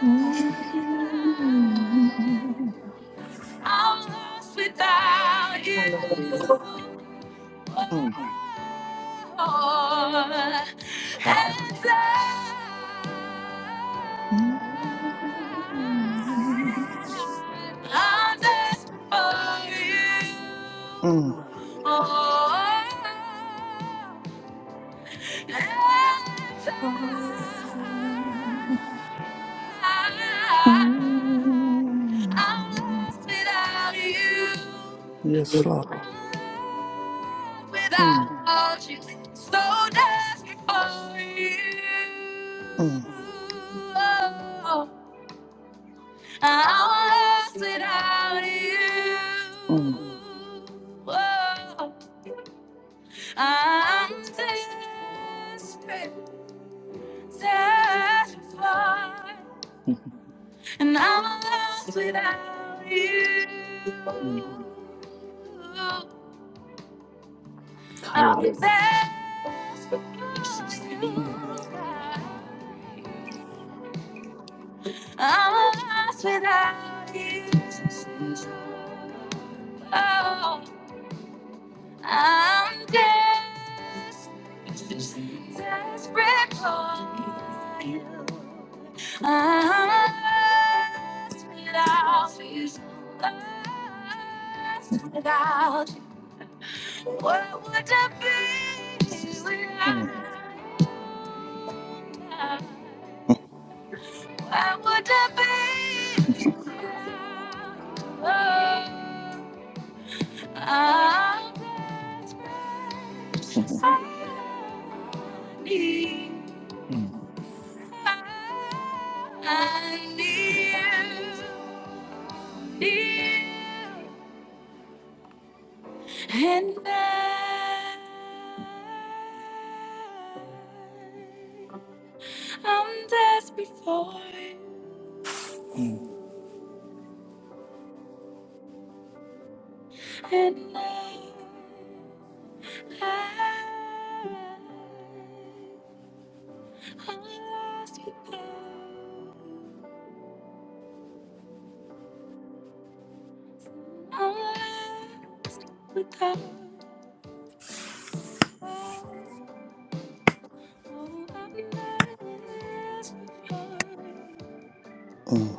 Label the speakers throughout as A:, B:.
A: Hallelujah. Hallelujah. Mm. Mm. Mm. Yes, Lord. Mm, mm, mm, mm, mm. Hallelujah. Mm, mm, mm, mm, mm.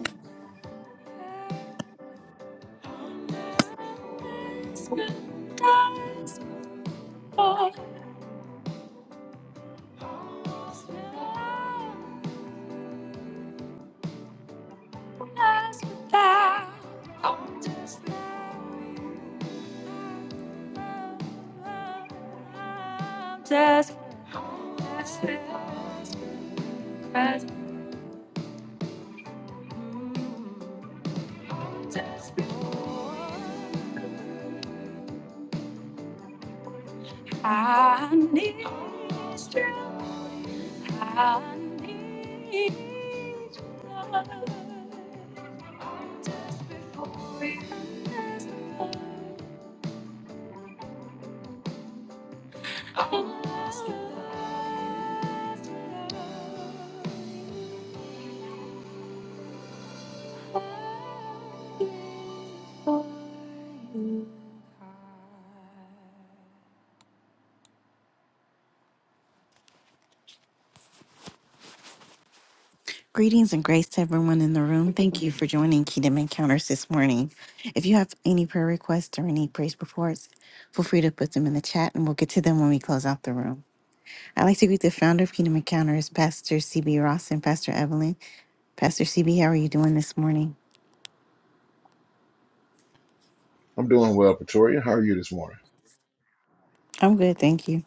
B: Greetings and grace to everyone in the room. Thank you for joining Kingdom Encounters this morning. If you have any prayer requests or any praise reports, feel free to put them in the chat and we'll get to them when we close out the room. I'd like to greet the founder of Kingdom Encounters, Pastor CB Ross and Pastor Evelyn. Pastor CB, how are you doing this morning? I'm good, thank you.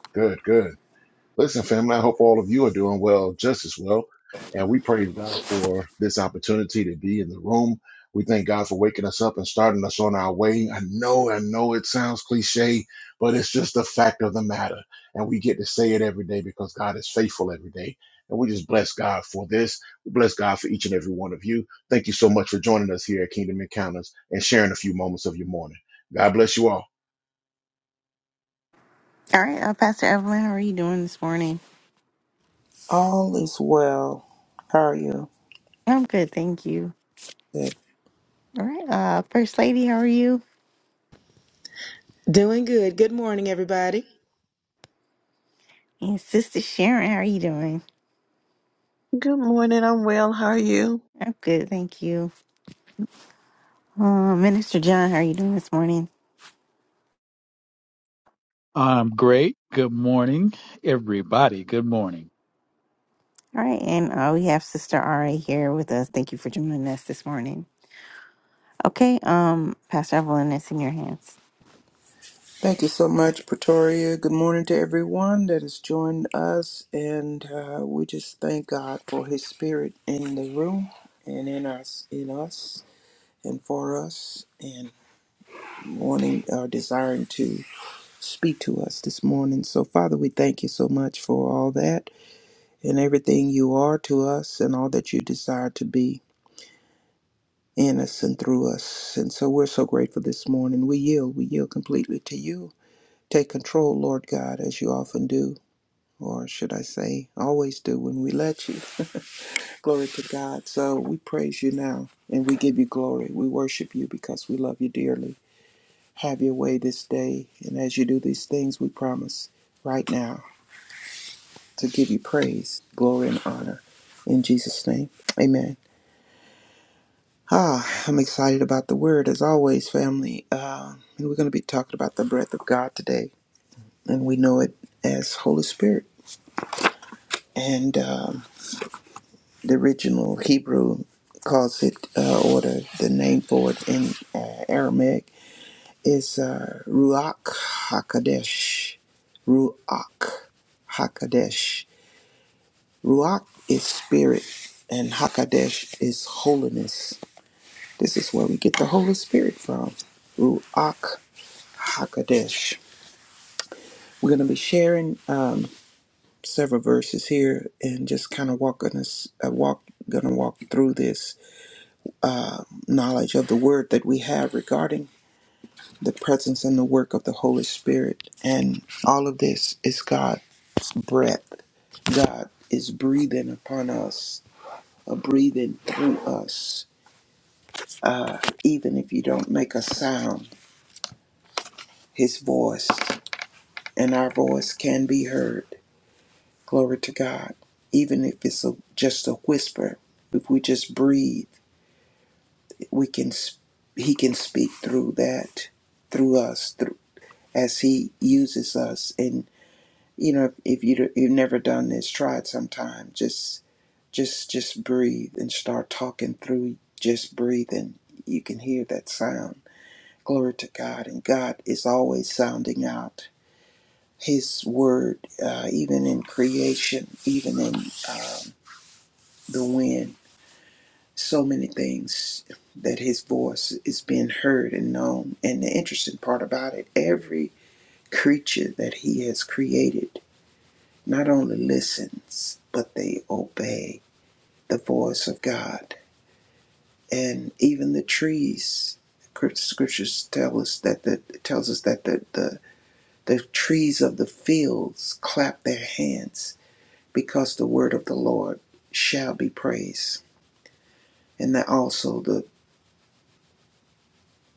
B: All right, uh, Pastor Evelyn, how are you doing this morning?
A: All is well. How are you?
B: I'm good, thank you. All right, uh, First Lady, how are you?
C: Doing good. Good morning, everybody.
B: And Sister Sharon, how are you doing?
D: Good morning. I'm well. How are you?
B: I'm good, thank you. Uh, Minister John, how are you doing this morning?
E: I'm great. Good morning, everybody. Good morning.
B: All right, and uh, we have Sister Ari here with us. Thank you for joining us this morning. Okay, um, Pastor Evelyn, it's in your hands.
A: Thank you so much, Pretoria. Good morning to everyone that has joined us. And uh, we just thank God for his spirit in the room and in us, in us and for us and wanting or desiring to speak to us this morning. So, Father, we thank you so much for all that and everything you are to us and all that you desire to be in us and through us. And so we're so grateful this morning. We yield. We yield completely to you. Take control, Lord God, as you often do or should I say, always do when we let you. Glory to God. So we praise you now and we give you glory. We worship you because we love you dearly. Have your way this day. And as you do these things, we promise right now to give you praise, glory, and honor. In Jesus' name, amen. Ah, I'm excited about the word as always, family. Um, and we're going to be talking about the breath of God today. And we know it as Holy Spirit. And. um the original Hebrew calls it, uh, or the, the name for it in uh, Aramaic is uh, Ruach Hakadesh. Ruach Hakadesh. Ruach is spirit, and Hakadesh is holiness. This is where we get the Holy Spirit from. Ruach Hakadesh. We're going to be sharing um, several verses here, and just kind of walking us, uh, walk, going to walk through this knowledge of the word that we have regarding the presence and the work of the Holy Spirit. And all of this is God's breath. God is breathing upon us, uh, breathing through us. Uh, even if you don't make a sound, His voice and our voice can be heard. Glory to God. Even if it's a, just a whisper, if we just breathe, we can. s- He can speak through that, through us. through. as he uses us and you know if, if you you've never done this try it sometime just just just breathe and start talking through just breathe and you can hear that sound glory to god and god is always sounding out his word uh, even in creation even in um, the wind so many things that his voice is being heard and known and the interesting part about it every creature that he has created not only listens, but they obey the voice of God. And even the trees, scriptures tell us that the tells us that the, the, the trees of the fields clap their hands because the word of the Lord shall be praised. And that also the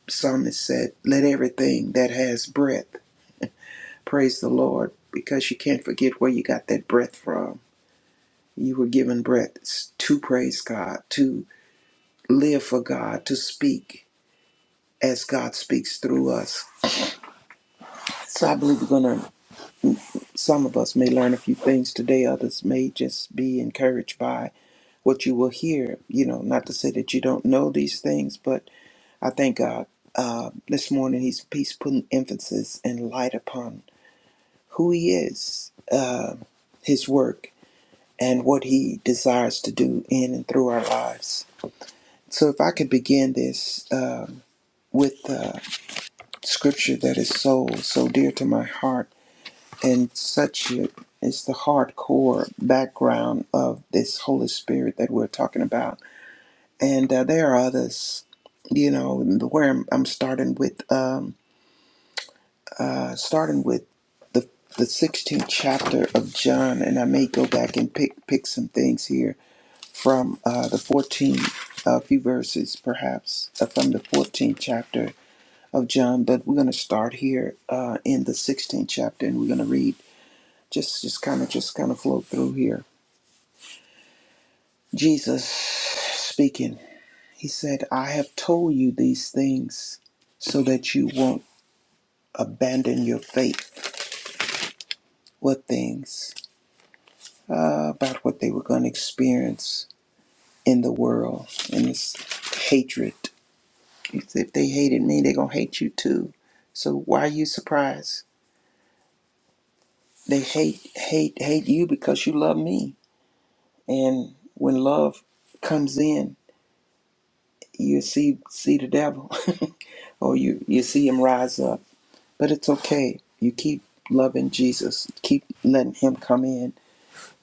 A: psalmist said, Let everything that has breath praise the Lord, because you can't forget where you got that breath from. You were given breath to praise God, to." live for God, to speak as God speaks through us. So I believe we're going to, some of us may learn a few things today, others may just be encouraged by what you will hear. You know, not to say that you don't know these things, but I thank God. Uh, this morning, he's, he's putting emphasis and light upon who he is, uh, his work, and what he desires to do in and through our lives. So if I could begin this um with. uh, scripture that is so so dear to my heart and such it is the hardcore background of this holy spirit that we're talking about and uh, there are others you know where i'm, I'm starting with um uh starting with the the 16th chapter of john and i may go back and pick pick some things here from uh the 14th a few verses perhaps uh, from the 14th chapter of John, but we're going to start here uh, in the 16th chapter, and we're going to read just just kind of just kind of flow through here. Jesus speaking, he said, "I have told you these things so that you won't abandon your faith." What things? Uh, about what they were going to experience in the world and this hatred. He said, "If "They hated me; they're going to hate you too." So why are you surprised? They hate hate hate you because you love me And when love comes in, you see see the devil, or you you see him rise up. But it's okay. You keep loving Jesus. Keep letting him come in,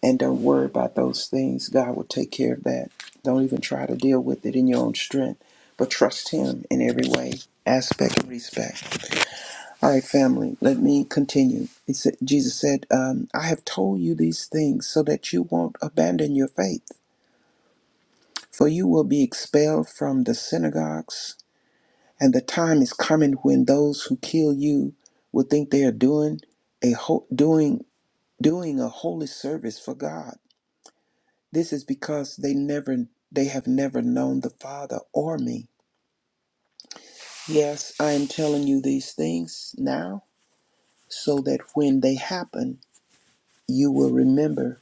A: and don't worry about those things. God will take care of that. Don't even try to deal with it in your own strength, but trust him in every way, aspect and respect. All right, family. Let me continue. He said, Jesus said, um, "I have told you these things so that you won't abandon your faith." for you will be expelled from the synagogues, and the time is coming when those who kill you will think they are doing a ho- doing doing a holy service for God. This is because they never they have never known the Father or me. Yes, I am telling you these things now so that when they happen, you will remember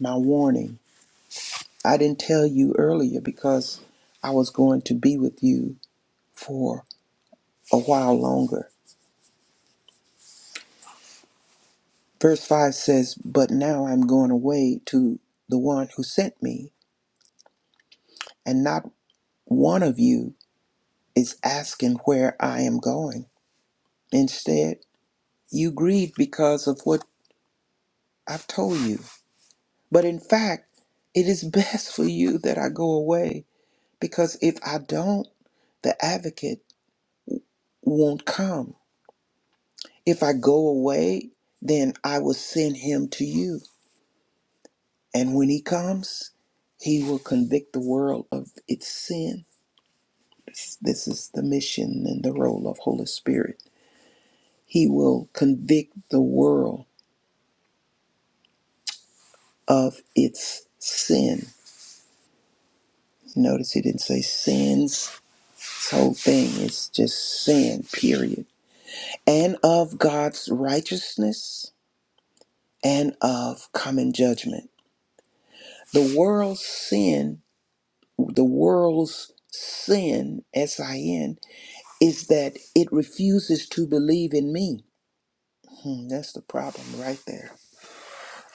A: my warning. I didn't tell you earlier because I was going to be with you for a while longer Verse 5 says, But now I'm going away to the one who sent me, and not one of you is asking where I am going. Instead, you grieve because of what I've told you. But in fact, it is best for you that I go away, because if I don't, the advocate won't come. If I go away, then I will send him to you. And when he comes, he will convict the world of its sin This is the mission and the role of Holy Spirit. He will convict the world of its sin. Notice he didn't say sins. This whole thing is just sin, period. And of God's righteousness and of common judgment. The world's sin, the world's sin, S I N, is that it refuses to believe in me. Hmm, that's the problem right there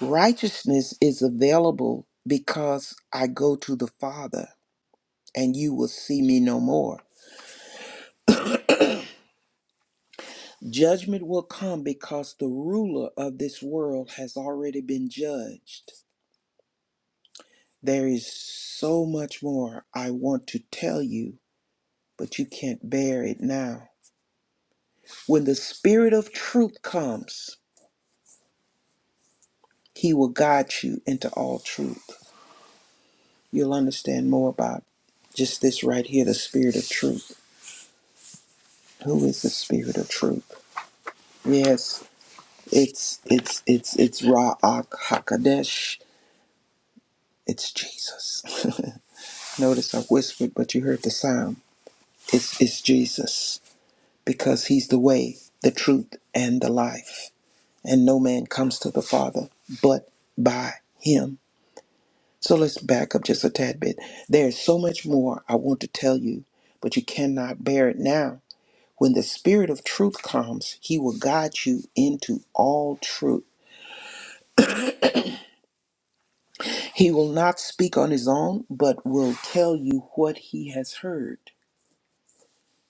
A: Righteousness is available because I go to the Father and you will see me no more. Judgment will come because the ruler of this world has already been judged. There is so much more I want to tell you, but you can't bear it now. When the Spirit of truth comes, he will guide you into all truth. You'll understand more about just this right here the Spirit of truth. Who is the Spirit of truth? Yes. It's it's it's it's Ra'ak Hakadesh. It's Jesus. Notice I whispered, but you heard the sound. It's it's Jesus because He's the way, the truth, and the life. And no man comes to the Father but by Him. So let's back up just a tad bit. There's so much more I want to tell you, but you cannot bear it now. When the Spirit of truth comes, He will guide you into all truth He will not speak on his own, but will tell you what he has heard.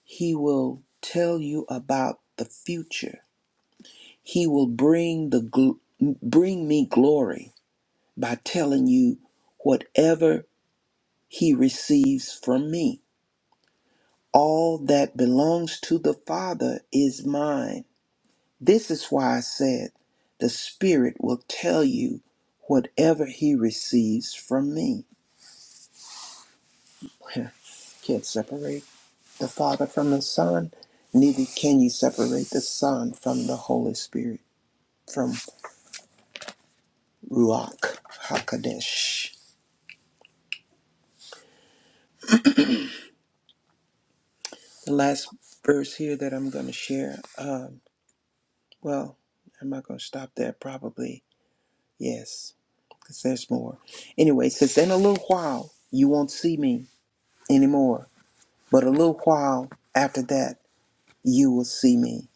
A: He will tell you about the future. He will bring the gl- bring me glory by telling you whatever he receives from me. All that belongs to the Father is mine. This is why I said the Spirit will tell you whatever he receives from me. Can't separate. the Father from the Son, neither can you separate the Son from the Holy Spirit, from Ruach HaKodesh. The last verse here that I'm going to share, um, well, am I going to stop there? Probably, yes, because there's more. Anyway, it says, In a little while, you won't see me anymore, but a little while after that, you will see me.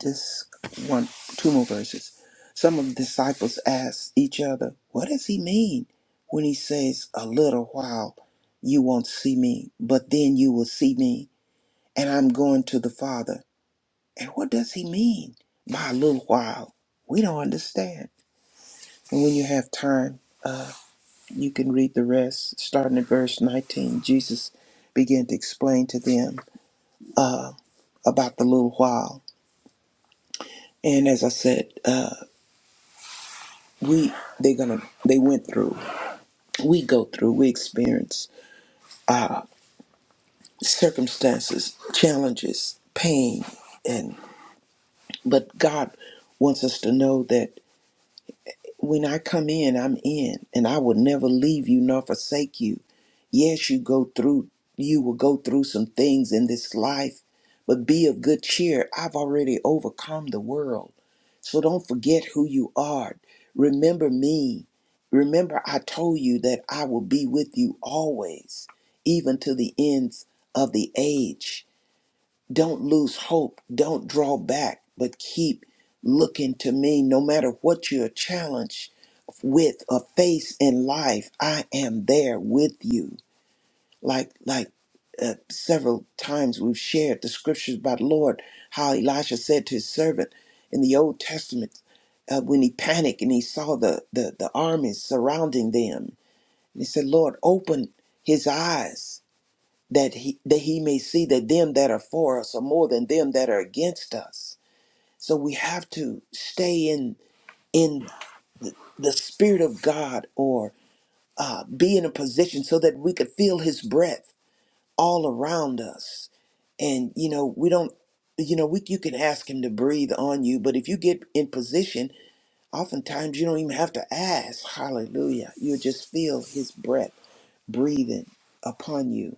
A: Just one, two more verses. Some of the disciples asked each other, What does he mean when he says, A little while you won't see me, but then you will see me, and I'm going to the Father? And what does he mean by a little while? We don't understand. And when you have time, you can read the rest, starting at verse 19. Jesus began to explain to them about the little while. And as I said, uh, we they're gonna they went through. we go through, we experience uh, circumstances, challenges, pain, and but God wants us to know that when I come in, I'm in, and I will never leave you nor forsake you Yes, you go through, you will go through some things in this life, but be of good cheer. I've already overcome the world. So don't forget who you are. Remember me. Remember, I told you that I will be with you always, even to the ends of the age. Don't lose hope. Don't draw back, but keep looking to me. No matter what you're challenged with or face in life, I am there with you like like uh, several times we've shared the scriptures about the Lord how Elisha said to his servant in the Old Testament uh, when he panicked and he saw the, the the armies surrounding them and he said Lord open his eyes that he that he may see that them that are for us are more than them that are against us so we have to stay in in the spirit of God or uh, be in a position so that we could feel his breath all around us and you know we don't you know we you can ask him to breathe on you but if you get in position oftentimes you don't even have to ask hallelujah you just feel his breath breathing upon you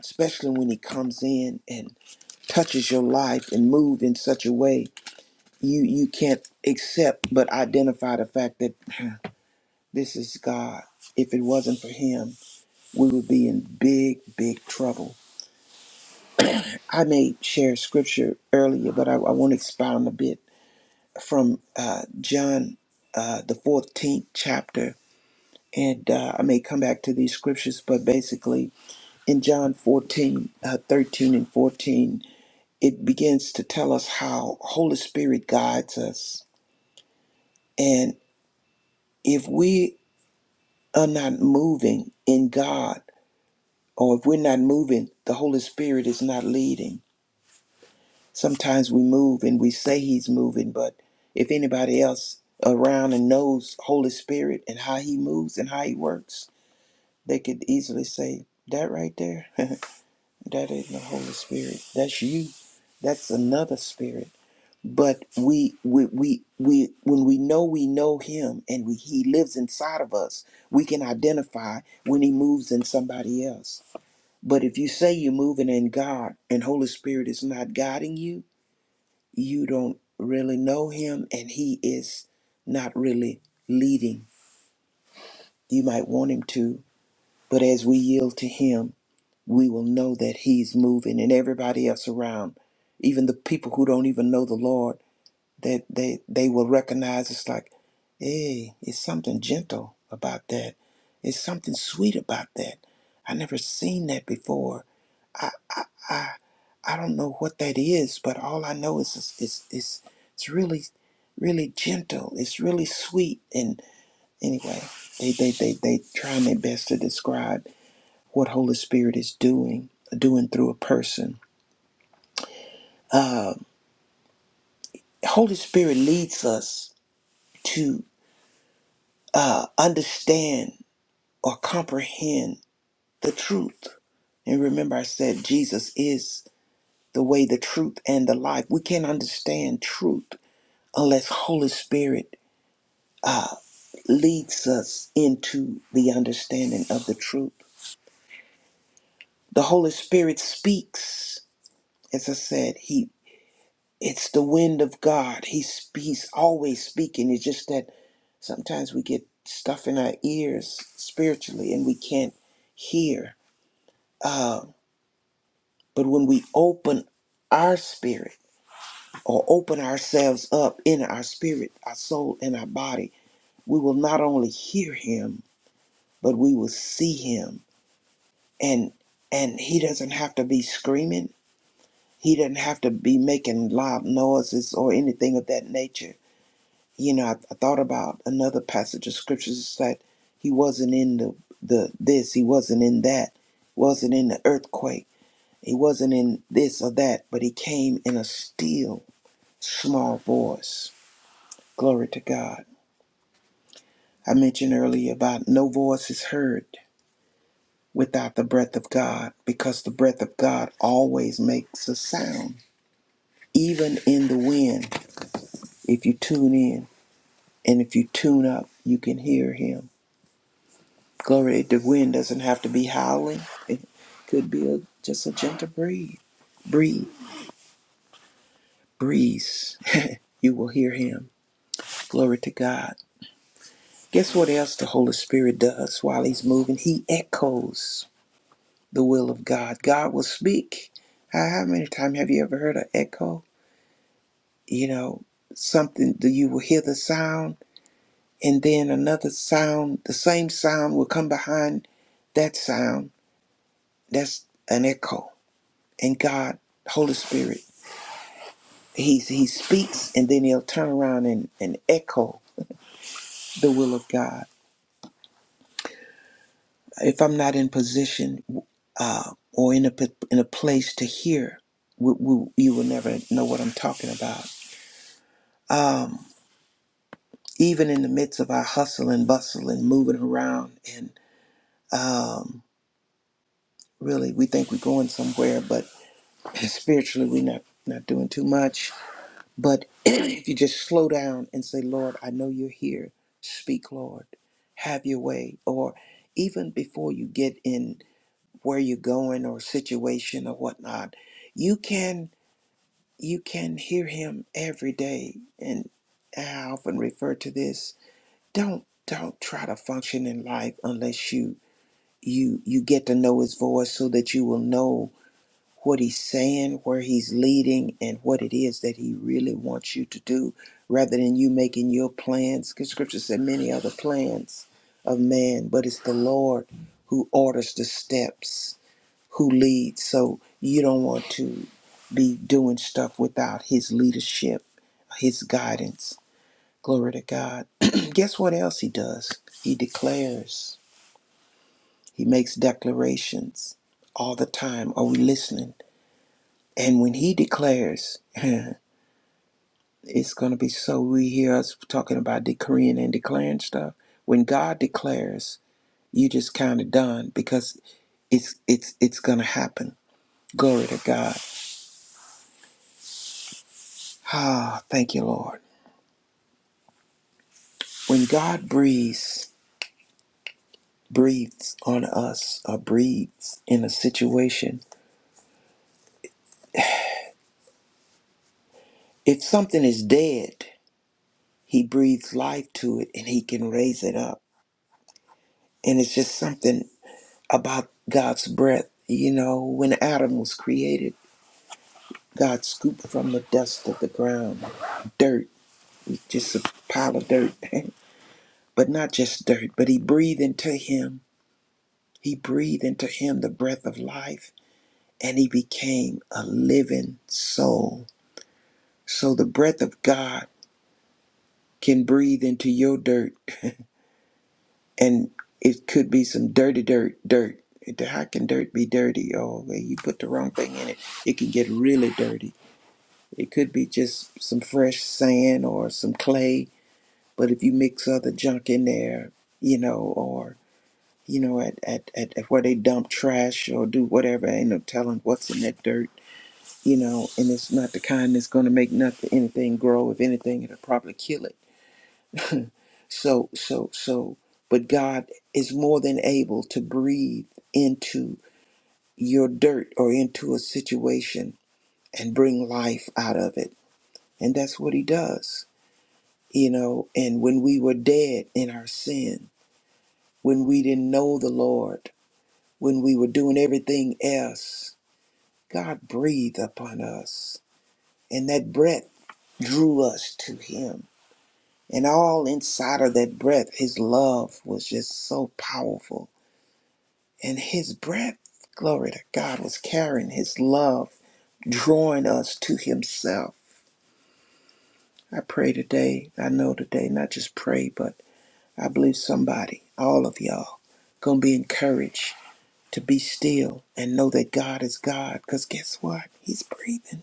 A: especially when he comes in and touches your life and move in such a way you you can't accept but identify the fact that this is god if it wasn't for him we would be in big big trouble I may share scripture earlier, but I, I want to expound a bit from uh, John, uh, the 14th chapter. And uh, I may come back to these scriptures, but basically in John 14, uh, 13 and 14, it begins to tell us how Holy Spirit guides us. And if we are not moving in God, or if we're not moving, the Holy Spirit is not leading. Sometimes we move and we say he's moving, but if anybody else around and knows Holy Spirit and how he moves and how he works, they could easily say, That right there, that ain't the Holy Spirit. That's you. That's another spirit. But we we we we when we know we know him and we, he lives inside of us, we can identify when he moves in somebody else. But if you say you're moving in God and Holy Spirit is not guiding you, you don't really know him and he is not really leading. You might want him to, but as we yield to him, we will know that he's moving and everybody else around, even the people who don't even know the Lord, that they, they will recognize it's like, hey, it's something gentle about that. It's something sweet about that. I never seen that before. I don't know what that is, but all I know is it's it's it's, it's really really gentle. It's really sweet. And anyway, they they they they trying their best to describe what Holy Spirit is doing doing through a person. Holy Spirit leads us to uh, understand or comprehend the truth. And remember, I said Jesus is the way, the truth, and the life. We can't understand truth unless Holy Spirit leads us into the understanding of the truth. The Holy Spirit speaks. As I said, he it's the wind of God. He's he's always speaking. It's just that sometimes we get stuff in our ears spiritually and we can't hear. Uh, but when we open our spirit or open ourselves up in our spirit, our soul, and our body, we will not only hear him, but we will see him and and he doesn't have to be screaming he doesn't have to be making loud noises or anything of that nature you know i, I thought about another passage of scriptures that he wasn't in the the this he wasn't in that wasn't in the earthquake he wasn't in this or that but he came in a still small voice glory to god i mentioned earlier about no voice is heard without the breath of god because the breath of god always makes a sound Even in the wind, if you tune in and if you tune up, you can hear him. Glory, the wind doesn't have to be howling. It could be a, just a gentle breeze. Breathe, breeze. You will hear him. Glory to God. Guess what else the Holy Spirit does while he's moving? He echoes the will of God. God will speak. How how many times have you ever heard an echo? You know, something that you will hear the sound and then another sound, the same sound will come behind that sound. That's an echo. And God, Holy Spirit, He He speaks and then He'll turn around and, and echo the will of God. If I'm not in position uh, or in a p- in a place to hear, we, we, you will never know what I'm talking about. Um, even in the midst of our hustle and bustle and moving around and um, really we think we're going somewhere, but Spiritually, we're not, not doing too much. But if you just slow down and say, Lord, I know you're here. Speak, Lord. Have your way. Or even before you get in where you're going or situation or whatnot, you can you can hear him every day. And I often refer to this. Don't don't try to function in life unless you you you get to know his voice so that you will know what he's saying, where he's leading, and what it is that he really wants you to do, rather than you making your plans. Because scripture said, many are the plans of man, but it's the Lord who orders the steps, who leads. So you don't want to be doing stuff without his leadership, his guidance. Glory to God. Guess what else he does? He declares, he makes declarations all the time. Are we listening? And when he declares, it's going to be so we hear us talking about decreeing and declaring stuff. When God declares, you just kind of done because it's it's it's going to happen. Glory to God. Ah, thank you, Lord. When God breathes breathes on us or breathes in a situation, if something is dead, he breathes life to it and he can raise it up. And it's just something about God's breath. You know, when Adam was created, God scooped from the dust of the ground dirt, just a pile of dirt, but not just dirt, but he breathed into him. He breathed into him the breath of life, and he became a living soul. So the breath of God can breathe into your dirt, and it could be some dirty dirt, dirt. How can dirt be dirty? Oh, well, you put the wrong thing in it, it can get really dirty It could be just some fresh sand or some clay, but if you mix other junk in there, you know, or you know, at, at, at, at where they dump trash or do whatever, ain't no telling what's in that dirt, you know, and it's not the kind that's gonna make nothing anything grow. If anything, it'll probably kill it. So so so but God is more than able to breathe into your dirt or into a situation and bring life out of it. And that's what he does you know, and when we were dead in our sin, when we didn't know the Lord, when we were doing everything else, God breathed upon us. And that breath drew us to Him. And all inside of that breath, His love was just so powerful. And His breath, glory to God, was carrying His love, drawing us to Himself. I pray today, I know today, not just pray, but I believe somebody, all of y'all, gonna be encouraged to be still and know that God is God. Cause guess what? He's breathing.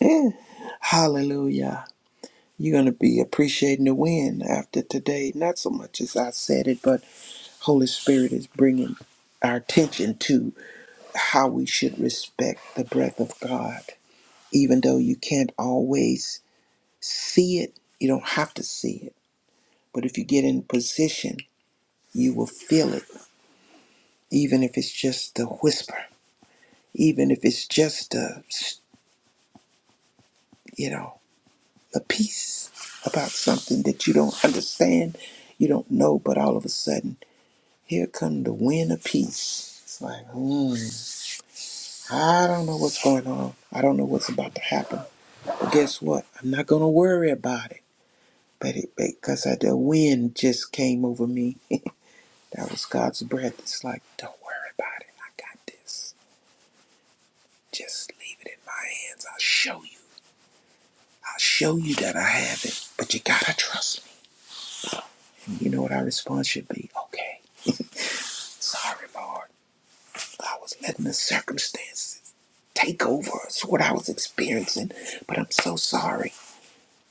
A: Hallelujah. You're gonna be appreciating the wind after today. Not so much as I said it, but Holy Spirit is bringing our attention to how we should respect the breath of God. Even though you can't always see it, you don't have to see it. But if you get in position, you will feel it even if it's just a whisper, even if it's just a, you know, a piece about something that you don't understand, you don't know, but all of a sudden, here come the wind of peace. It's like, hmm, I don't know what's going on. I don't know what's about to happen. But guess what? I'm not going to worry about it. But it, because of the wind just came over me, that was God's breath. It's like, don't worry about it. I got this. Just leave it in my hands. I'll show you. I'll show you that I have it, but you gotta trust me. You know what our response should be? Okay, sorry, Lord. I was letting the circumstances take over. It's what I was experiencing, but I'm so sorry.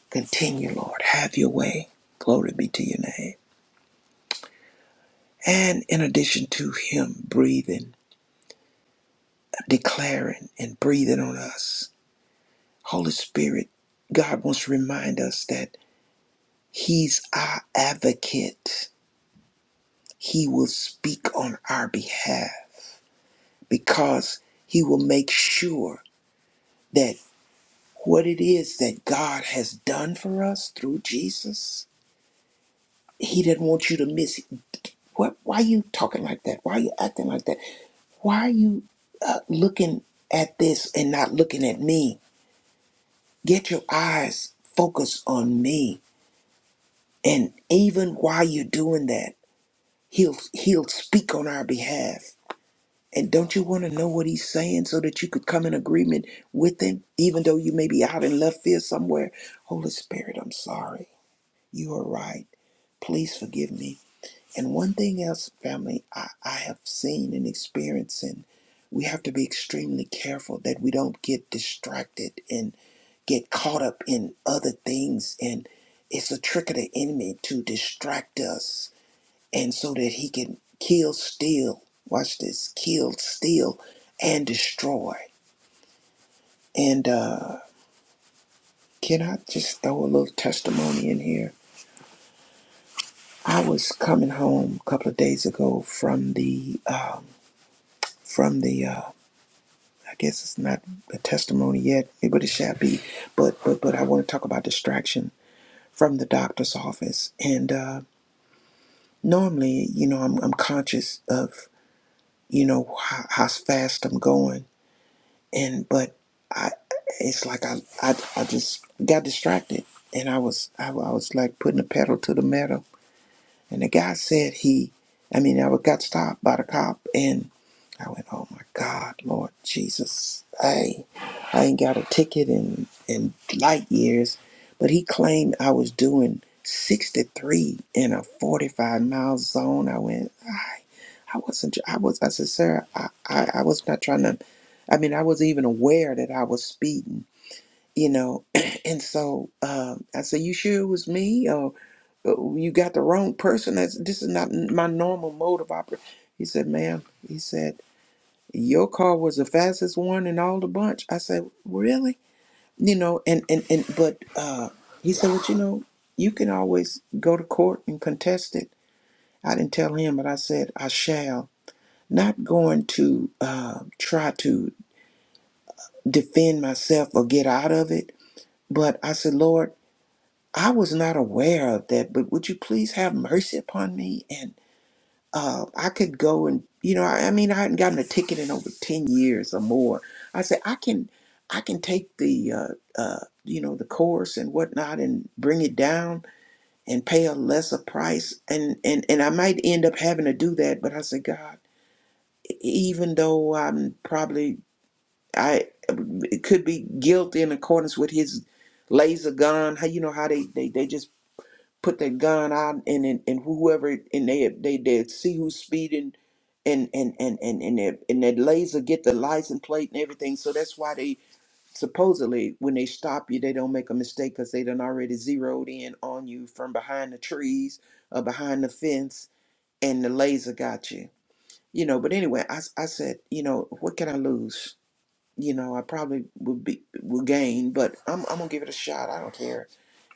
A: Continue, Lord. Have your way. Glory be to your name. And in addition to Him breathing, declaring, and breathing on us, Holy Spirit, God wants to remind us that He's our advocate. He will speak on our behalf. because he will make sure that what it is that God has done for us through Jesus, he doesn't want you to miss it. What, why are you talking like that? Why are you acting like that? Why are you uh, looking at this and not looking at me? Get your eyes focused on me. And even while you're doing that, he'll, he'll speak on our behalf And don't you want to know what he's saying so that you could come in agreement with him, even though you may be out in left field somewhere? Holy Spirit, I'm sorry. You are right. Please forgive me. And one thing else, family, I, I have seen and experienced, and we have to be extremely careful that we don't get distracted and get caught up in other things. And it's a trick of the enemy to distract us and so that he can kill, steal, watch this, kill, steal, and destroy. And uh, can I just throw a little testimony in here? I was coming home a couple of days ago from the um, from the uh, I guess it's not a testimony yet, but it shall be. But but but I want to talk about distraction from the doctor's office. And uh, normally, you know, I'm I'm conscious of you know how, how fast I'm going and but I it's like I I, I just got distracted and I was I, I was like putting the pedal to the metal and the guy said he, I mean, I got stopped by the cop and I went, oh my God, Lord Jesus, I, I ain't got a ticket in, in light years. But he claimed I was doing 63 in a 45 mile zone. I went, I, I wasn't, I was, I said, sir, I, I, I was not trying to, I mean, I wasn't even aware that I was speeding, you know? and so um, I said, you sure it was me? Uh, You got the wrong person. That's, this is not n- my normal mode of operation. He said, ma'am, he said, your car was the fastest one in all the bunch. I said, really? You know, and, and, and but uh, he said, well, you know, you can always go to court and contest it. I didn't tell him, but I said, I shall. Not going to uh, try to defend myself or get out of it, but I said, Lord, I was not aware of that, but would you please have mercy upon me? uh, I could go and you know, I, I mean, I hadn't gotten a ticket in over ten years or more. I said, I can, I can take the, uh, uh, you know, the course and whatnot, and bring it down and pay a lesser price, and and and I might end up having to do that. But I said, God, e- even though I'm probably I it could be guilty in accordance with His laser gun, how you know how they they they just put that gun out and and, and whoever and they they they see who's speeding and and and and and that, and that laser get the license plate and everything so that's why they supposedly when they stop you they don't make a mistake because they done already zeroed in on you from behind the trees or behind the fence and the laser got you you know but anyway i, s- I said you know what can i lose you know, I probably would be would gain, but I'm I'm gonna give it a shot. I don't care.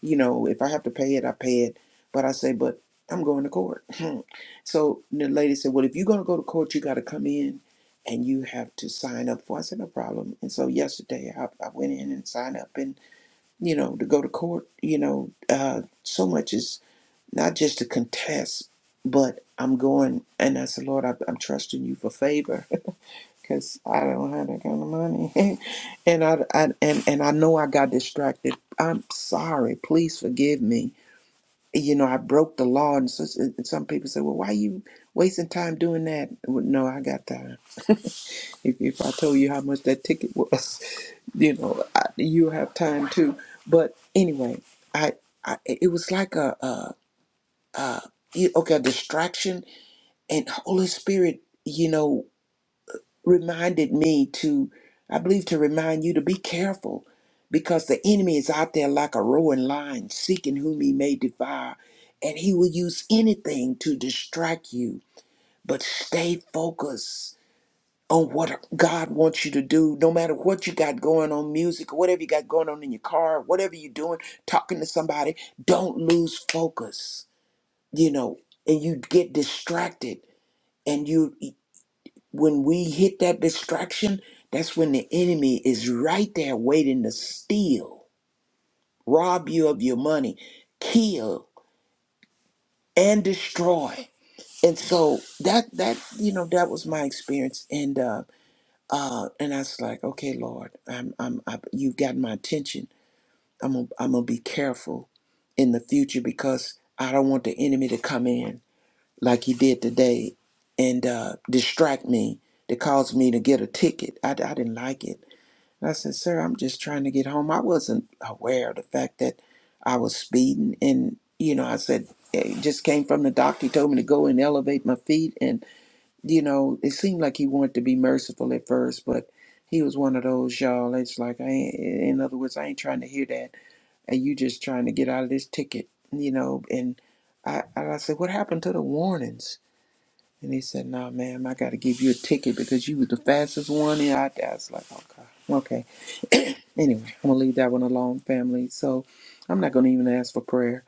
A: You know, if I have to pay it, I pay it. But I say, but I'm going to court. so the lady said, Well, if you're gonna go to court, you gotta come in and you have to sign up for I said, No problem. And so yesterday I, I went in and signed up and, you know, to go to court, you know, uh so much is not just to contest, but I'm going and I said, Lord, I, I'm trusting you for favor because I don't have that kind of money. and I, I and and I know I got distracted. I'm sorry. Please forgive me. You know, I broke the law, and, so, and some people say, "Well, why you wasting time doing that?" Well, no, I got time. If if I told you how much that ticket was, you know, I, you have time too. But anyway, I, I it was like a, a, a okay a distraction, and Holy Spirit, you know. reminded me to, I believe, to remind you to be careful because the enemy is out there like a roaring lion seeking whom he may devour, and he will use anything to distract you. But stay focused on what God wants you to do, no matter what you got going on, music, or whatever you got going on in your car, whatever you're doing, talking to somebody, don't lose focus, you know, and you get distracted and you when we hit that distraction, that's when the enemy is right there waiting to steal, rob you of your money, kill, and destroy. And so that that you know that was my experience, and uh, uh, and I was like, okay, Lord, I'm I'm I, you've got my attention. I'm gonna, I'm gonna be careful in the future because I don't want the enemy to come in like he did today and uh, distract me to cause me to get a ticket. I, I didn't like it. I said, Sir, I'm just trying to get home. I wasn't aware of the fact that I was speeding. And, you know, I said, it just came from the doctor. He told me to go and elevate my feet. And, you know, it seemed like he wanted to be merciful at first, but he was one of those, y'all. It's like, I ain't, in other words, I ain't trying to hear that. And you just trying to get out of this ticket, you know. And I, and I said, What happened to the warnings? And he said, "Nah, ma'am, I got to give you a ticket because you was the fastest one." And I, I was like, "Okay, okay." Anyway, I'm gonna leave that one alone, family. So I'm not gonna even ask for prayer.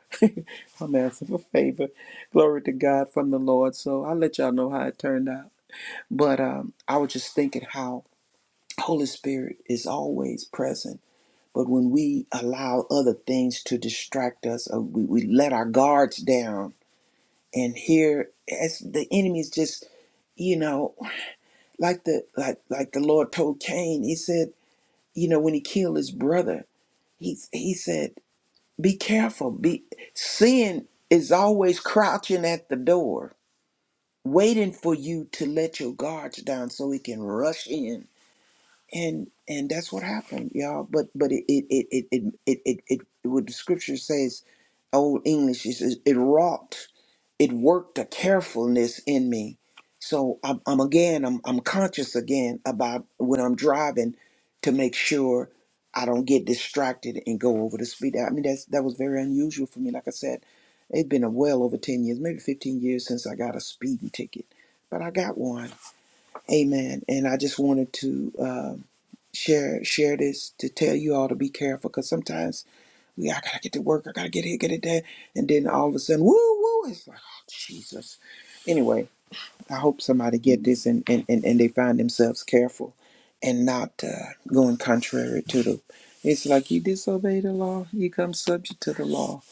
A: I'm asking for favor, glory to God from the Lord. So I'll let y'all know how it turned out. But um, I was just thinking how Holy Spirit is always present. But when we allow other things to distract us, or we, we let our guards down, and here as the enemy is just you know like the like like the Lord told Cain, he said, you know, when he killed his brother, he he said, be careful. Be sin is always crouching at the door, waiting for you to let your guards down so it can rush in and and that's what happened y'all but but it it it it it, it, it, it what the scripture says old english it says it wrought it worked a carefulness in me so i'm, I'm again I'm, I'm conscious again about when i'm driving to make sure i don't get distracted and go over the speed i mean that's that was very unusual for me like i said it's been a well over 10 years maybe 15 years since i got a speeding ticket but i got one Amen. And I just wanted to um share share this to tell you all to be careful because sometimes we I gotta get to work, I gotta get here, get it there, and then all of a sudden, woo woo, it's like oh, Jesus. Anyway, I hope somebody get this and and and, and they find themselves careful and not uh, going contrary to the. It's like you disobey the law, you come subject to the law,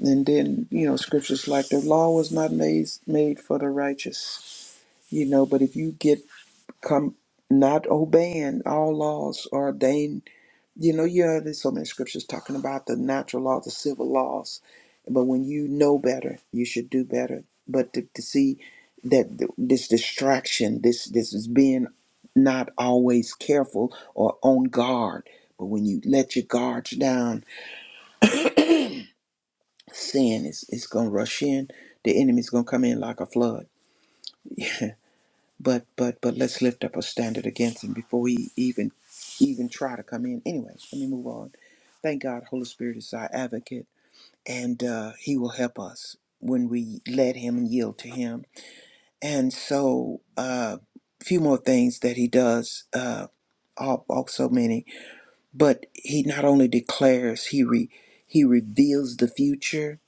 A: and then you know scriptures like the law was not made made for the righteous, you know. But if you get come not obeying all laws ordained. You know, yeah, there's so many scriptures talking about the natural law, the civil laws. But when you know better, you should do better. But to, to see that th- this distraction, this this is being not always careful or on guard. But when you let your guards down, sin is, is gonna rush in. The enemy's gonna come in like a flood. But but but let's lift up a standard against him before he even even try to come in. Anyways, let me move on. Thank God, Holy Spirit is our advocate, and uh, He will help us when we let Him and yield to Him. And so, a uh, few more things that He does. Uh, al- also many, but he not only declares, he re, he reveals the future,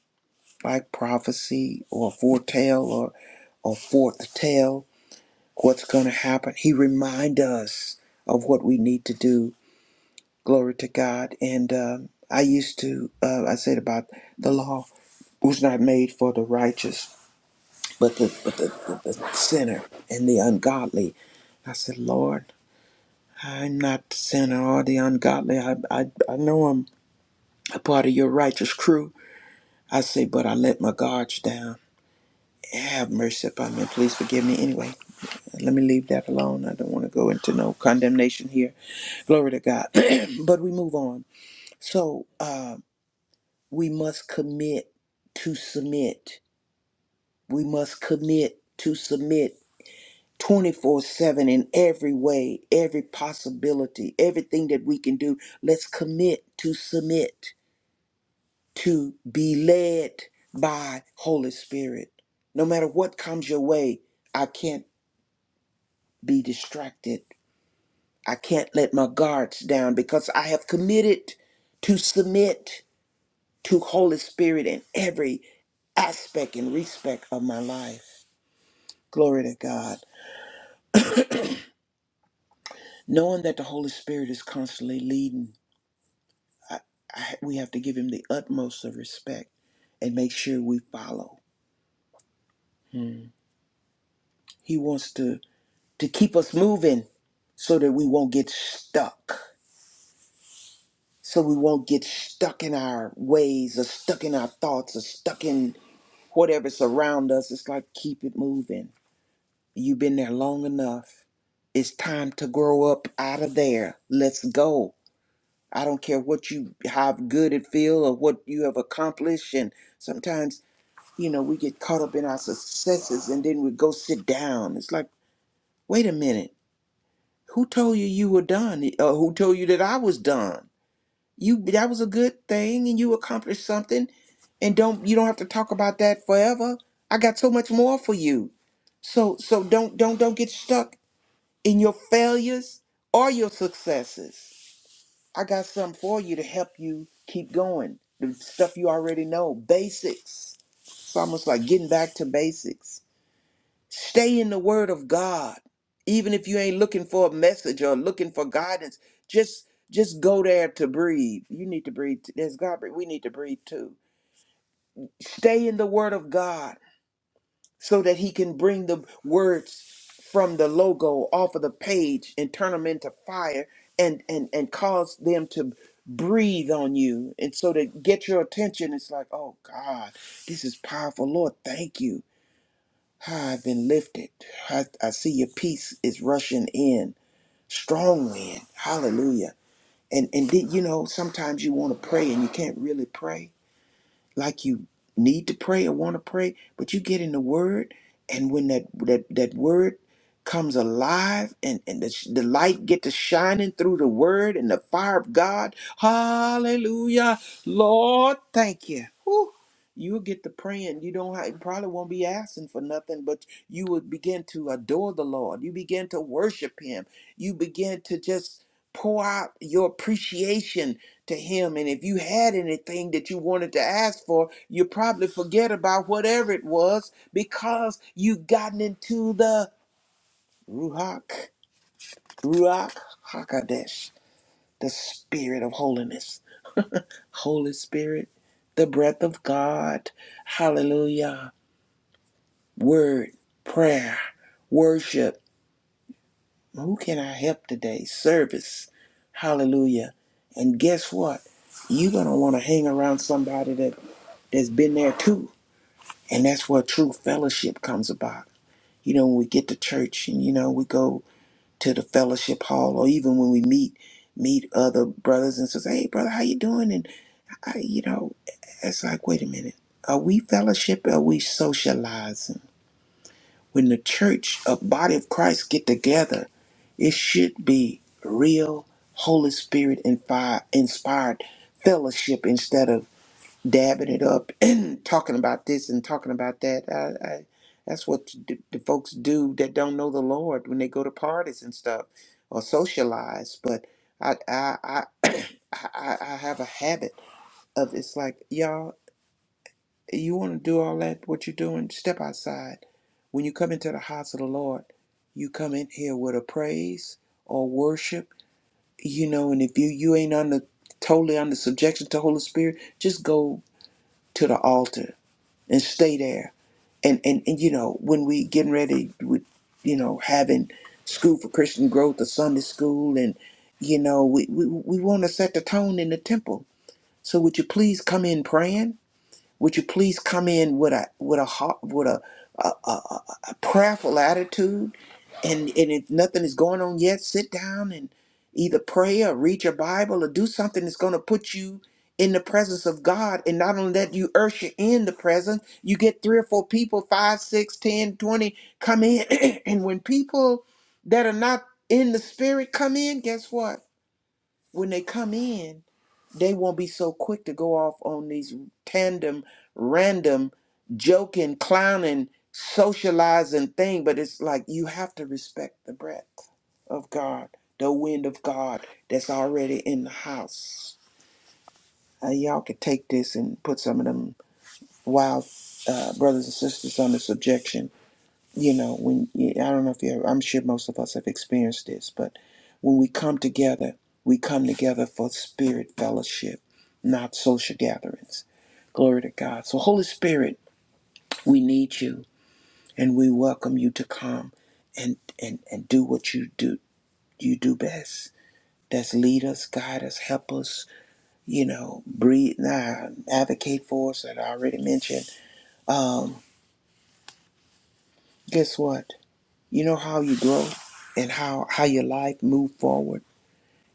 A: like prophecy or foretell or or foretell, what's going to happen. He remind us of what we need to do. Glory to God. And um, I used to, uh, I said about the law was not made for the righteous, but the but the, the, the sinner and the ungodly. I said, Lord, I'm not the sinner or the ungodly. I, I I know I'm a part of your righteous crew. I say, but I let my guards down. Have mercy upon me. Please forgive me. Anyway, let me leave that alone. I don't want to go into no condemnation here Glory to God. but we move on. So uh, we must commit to submit. We must commit to submit 24 7 in every way, every possibility, everything that we can do. Let's commit to submit, to be led by Holy Spirit. No matter what comes your way, I can't be distracted. I can't let my guards down because I have committed to submit. to Holy Spirit in every aspect and respect of my life. Glory to God. Knowing that the Holy Spirit is constantly leading, I, I, we have to give him the utmost of respect and make sure we follow. He wants to, to keep us moving so that we won't get stuck. So we won't get stuck in our ways or stuck in our thoughts or stuck in whatever's around us. It's like keep it moving You've been there long enough. It's time to grow up out of there. Let's go. I don't care what you how good it feel or what you have accomplished. And sometimes, you know, we get caught up in our successes and then we go sit down. It's like, wait a minute, who told you you were done? Or who told you that I was done? You that was a good thing and you accomplished something. And don't you don't have to talk about that forever. I got so much more for you. So so don't don't don't get stuck in your failures or your successes. I got something for you to help you keep going. The stuff you already know, basics. It's almost like getting back to basics. Stay in the Word of God, even if you ain't looking for a message or looking for guidance. Just just go there to breathe. You need to breathe. There's God. breathe. We need to breathe too. Stay in the Word of God. so that he can bring the words from the logo off of the page and turn them into fire and and and cause them to breathe on you and so to get your attention it's like oh god this is powerful lord thank you Ah, i've been lifted I, I see your peace is rushing in strong wind hallelujah and and did you know sometimes you want to pray and you can't really pray like you need to pray or want to pray, but you get in the word and when that that, that word comes alive and, and the, sh- the light get to shining through the word and the fire of God. Hallelujah. Lord, thank you. Whew. You'll get to praying. You don't have, you probably won't be asking for nothing, but you would begin to adore the Lord. You begin to worship him. You begin to just pour out your appreciation to him and if you had anything that you wanted to ask for you probably forget about whatever it was because you've gotten into the ruach ruach hakadesh the spirit of holiness holy spirit the breath of god hallelujah word prayer worship who can i help today service hallelujah and guess what you're gonna want to hang around somebody that that's been there too And that's where true fellowship comes about. You know, when we get to church and, you know, we go to the fellowship hall or even when we meet, meet other brothers and sisters, hey, brother, how you doing? And, I, you know, it's like, wait a minute. Are we fellowship? Are we socializing? When the church, a body of Christ get together, it should be real Holy Spirit and fire inspired fellowship instead of dabbing it up and talking about this and talking about that. I, I, that's what the, the folks do that don't know the Lord when they go to parties and stuff or socialize. But I, I, I, I, I I have a habit of it's like y'all, you want to do all that what you're doing? Step outside. When you come into the house of the Lord, you come in here with a praise or worship, you know. And if you you ain't under totally under subjection to Holy Spirit, just go to the altar and stay there. And and and you know, when we getting ready with you know having school for Christian growth, the Sunday school, and you know we we, we want to set the tone in the temple. So would you please come in praying? Would you please come in with a with a heart with a a, a, a a prayerful attitude, and and if nothing is going on yet, sit down and either pray or read your Bible or do something that's going to put you in the presence of God. And not only that, you usher in the presence. You get three or four people, five, six, ten, twenty, come in, and when people that are not in the spirit come in, guess what? When they come in they won't be so quick to go off on these tandem, random, joking, clowning, socializing thing. But it's like you have to respect the breath of God, the wind of God that's already in the house. Uh, y'all could take this and put some of them wild uh, brothers and sisters under subjection you know when you, i don't know if you ever, i'm sure most of us have experienced this but when we come together we come together for spirit fellowship not social gatherings glory to god so holy spirit we need you and we welcome you to come and and and do what you do you do best that's lead us guide us help us you know breathe nah, advocate for us that i already mentioned guess what you know how you grow and how how your life move forward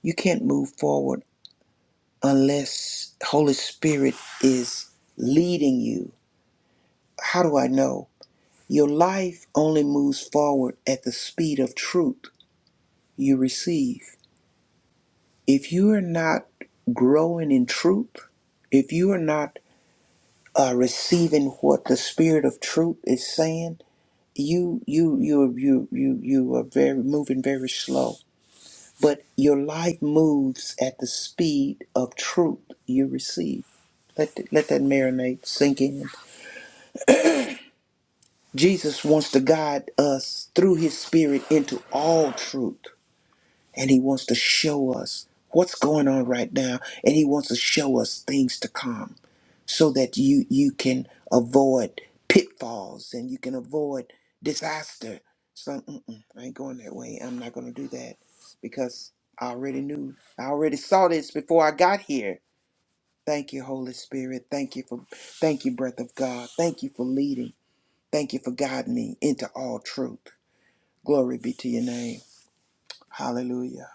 A: You can't move forward unless Holy Spirit is leading you. How do I know? Your life only moves forward at the speed of truth you receive. If you are not growing in truth, if you are not uh, receiving what the Spirit of Truth is saying, you you you you you you are very moving very slow. But your life moves at the speed of truth you receive. Let, th- let that marinate sink in. Jesus wants to guide us through his spirit into all truth. And he wants to show us what's going on right now. And he wants to show us things to come so that you, you can avoid pitfalls and you can avoid disaster. So, mm-mm, I ain't going that way. I'm not going to do that because I already knew. I already saw this before I got here. Thank you, Holy Spirit. Thank you for, thank you, breath of God. Thank you for leading. Thank you for guiding me into all truth. Glory be to your name. Hallelujah.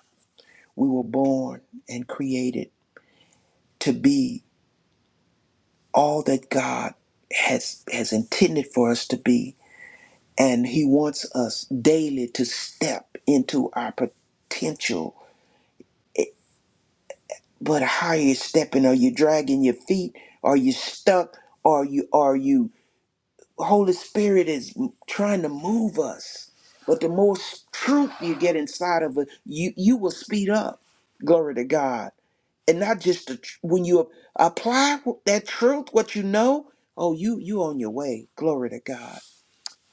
A: We were born and created to be all that God has has intended for us to be. And he wants us daily to step into our potential. But how are you stepping? Are you dragging your feet? Are you stuck? Are you are you Holy Spirit is m- trying to move us. But the more s- truth you get inside of it, you you will speed up. Glory to God. And not just the, tr- when you apply that truth, what you know. Oh, you you on your way. Glory to God.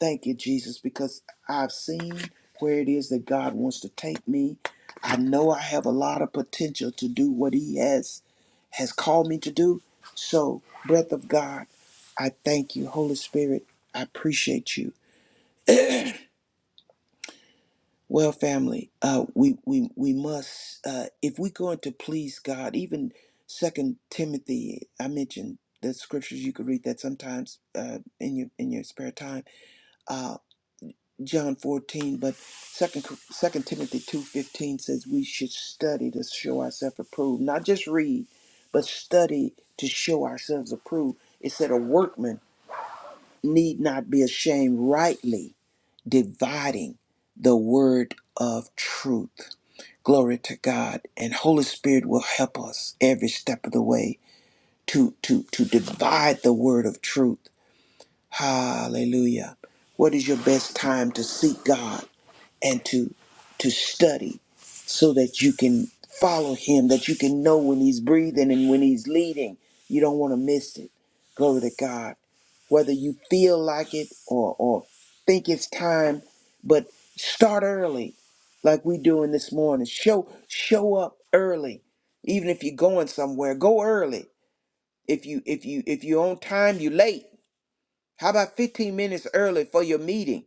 A: Thank you, Jesus, because I've seen where it is that God wants to take me. I know I have a lot of potential to do what He has has called me to do. So, breath of God, I thank you, Holy Spirit. I appreciate you. Well, family, uh, we we we must uh, if we're going to please God. Even Second Timothy, I mentioned the scriptures you could read that sometimes uh, in your in your spare time. uh, John 14, but Second Cor- Second Timothy 2:15 says we should study to show ourselves approved, not just read, but study to show ourselves approved. It said a workman need not be ashamed, rightly dividing the word of truth. Glory to God, and Holy Spirit will help us every step of the way to to to divide the word of truth. Hallelujah. What is your best time to seek God? and to to study so that you can follow him that you can know when he's breathing and when he's leading you don't want to miss it glory to god whether you feel like it or or think it's time but start early like we doing this morning show show up early even if you're going somewhere go early if you if you if you're on time you're late how about 15 minutes early for your meeting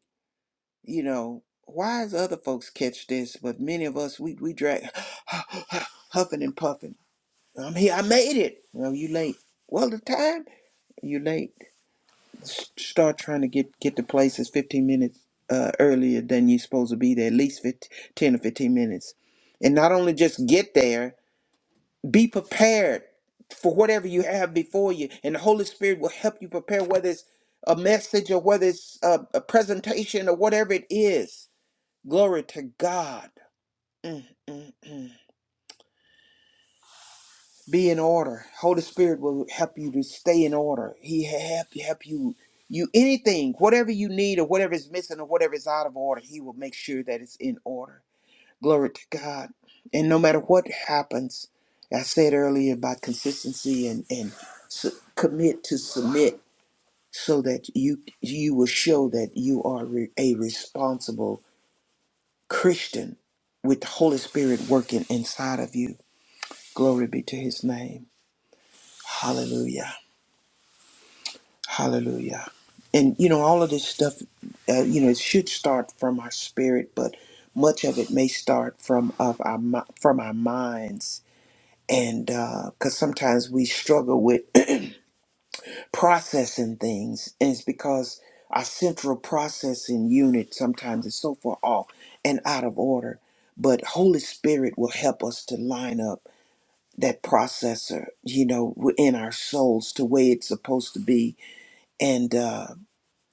A: you know, why is other folks catch this, but many of us we we drag huffing and puffing. I'm here. I made it. Well, you late. Well, the time you late. S- Start trying to get get to places 15 minutes uh, earlier than you're supposed to be there. At least 15, 10 or 15 minutes, and not only just get there, be prepared for whatever you have before you, and the Holy Spirit will help you prepare whether it's a message or whether it's a, a presentation or whatever it is Glory to God. Be in order. Holy Spirit will help you to stay in order. He help help you you anything, whatever you need or whatever is missing or whatever is out of order, he will make sure that it's in order. Glory to God. And no matter what happens, I said earlier about consistency and and su- commit to submit so that you you will show that you are re- a responsible Christian with the Holy Spirit working inside of you Glory be to his name. Hallelujah. Hallelujah. And you know, all of this stuff, uh, you know, it should start from our spirit, but much of it may start from of our mi- from our minds, and because sometimes we struggle with processing things, and it's because our central processing unit sometimes is so far off and out of order. But Holy Spirit will help us to line up that processor, you know, in our souls to the way it's supposed to be. And, uh,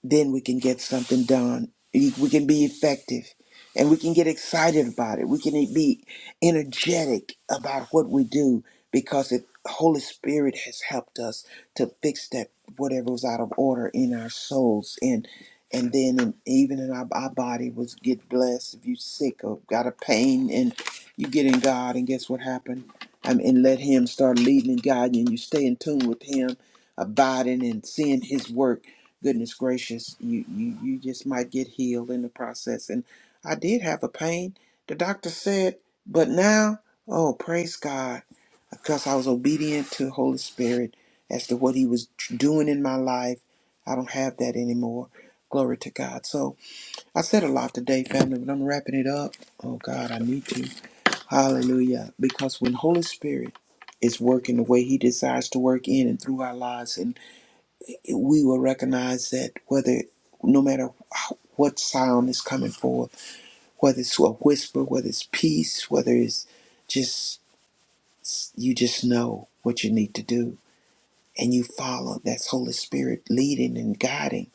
A: then we can get something done. We we can be effective and we can get excited about it. We can e, be energetic about what we do because the Holy Spirit has helped us to fix that whatever was out of order in our souls and and then in, even in our, our body was get blessed if you sick or got a pain and you get in God and guess what happened? I mean, and let him start leading and guiding you. You stay in tune with him, abiding and seeing his work goodness gracious, you, you, you just might get healed in the process. And I did have a pain, the doctor said, but now, oh, praise God, because I was obedient to Holy Spirit as to what He was doing in my life. I don't have that anymore. Glory to God. So I said a lot today, family, but I'm wrapping it up. Oh God, I need to. Hallelujah. Because when Holy Spirit is working the way He desires to work in and through our lives, and we will recognize that whether no matter how- what sound is coming forth, whether it's a whisper, whether it's peace, whether it's just you just know what you need to do and you follow that's Holy Spirit leading and guiding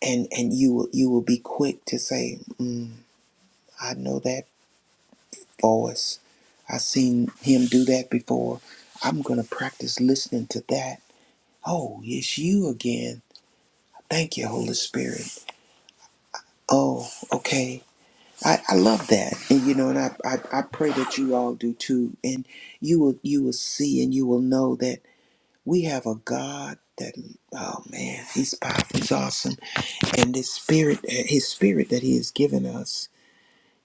A: and and you will you will be quick to say, mm, I know that voice. I've seen him do that before. I'm gonna practice listening to that. Oh, it's you again. Thank you, Holy Spirit. Oh, okay. I, I love that. And you know, and I, I, I pray that you all do too. And you will you will see and you will know that we have a God that oh man, he's powerful, he's awesome. And this spirit eh, his spirit that he has given us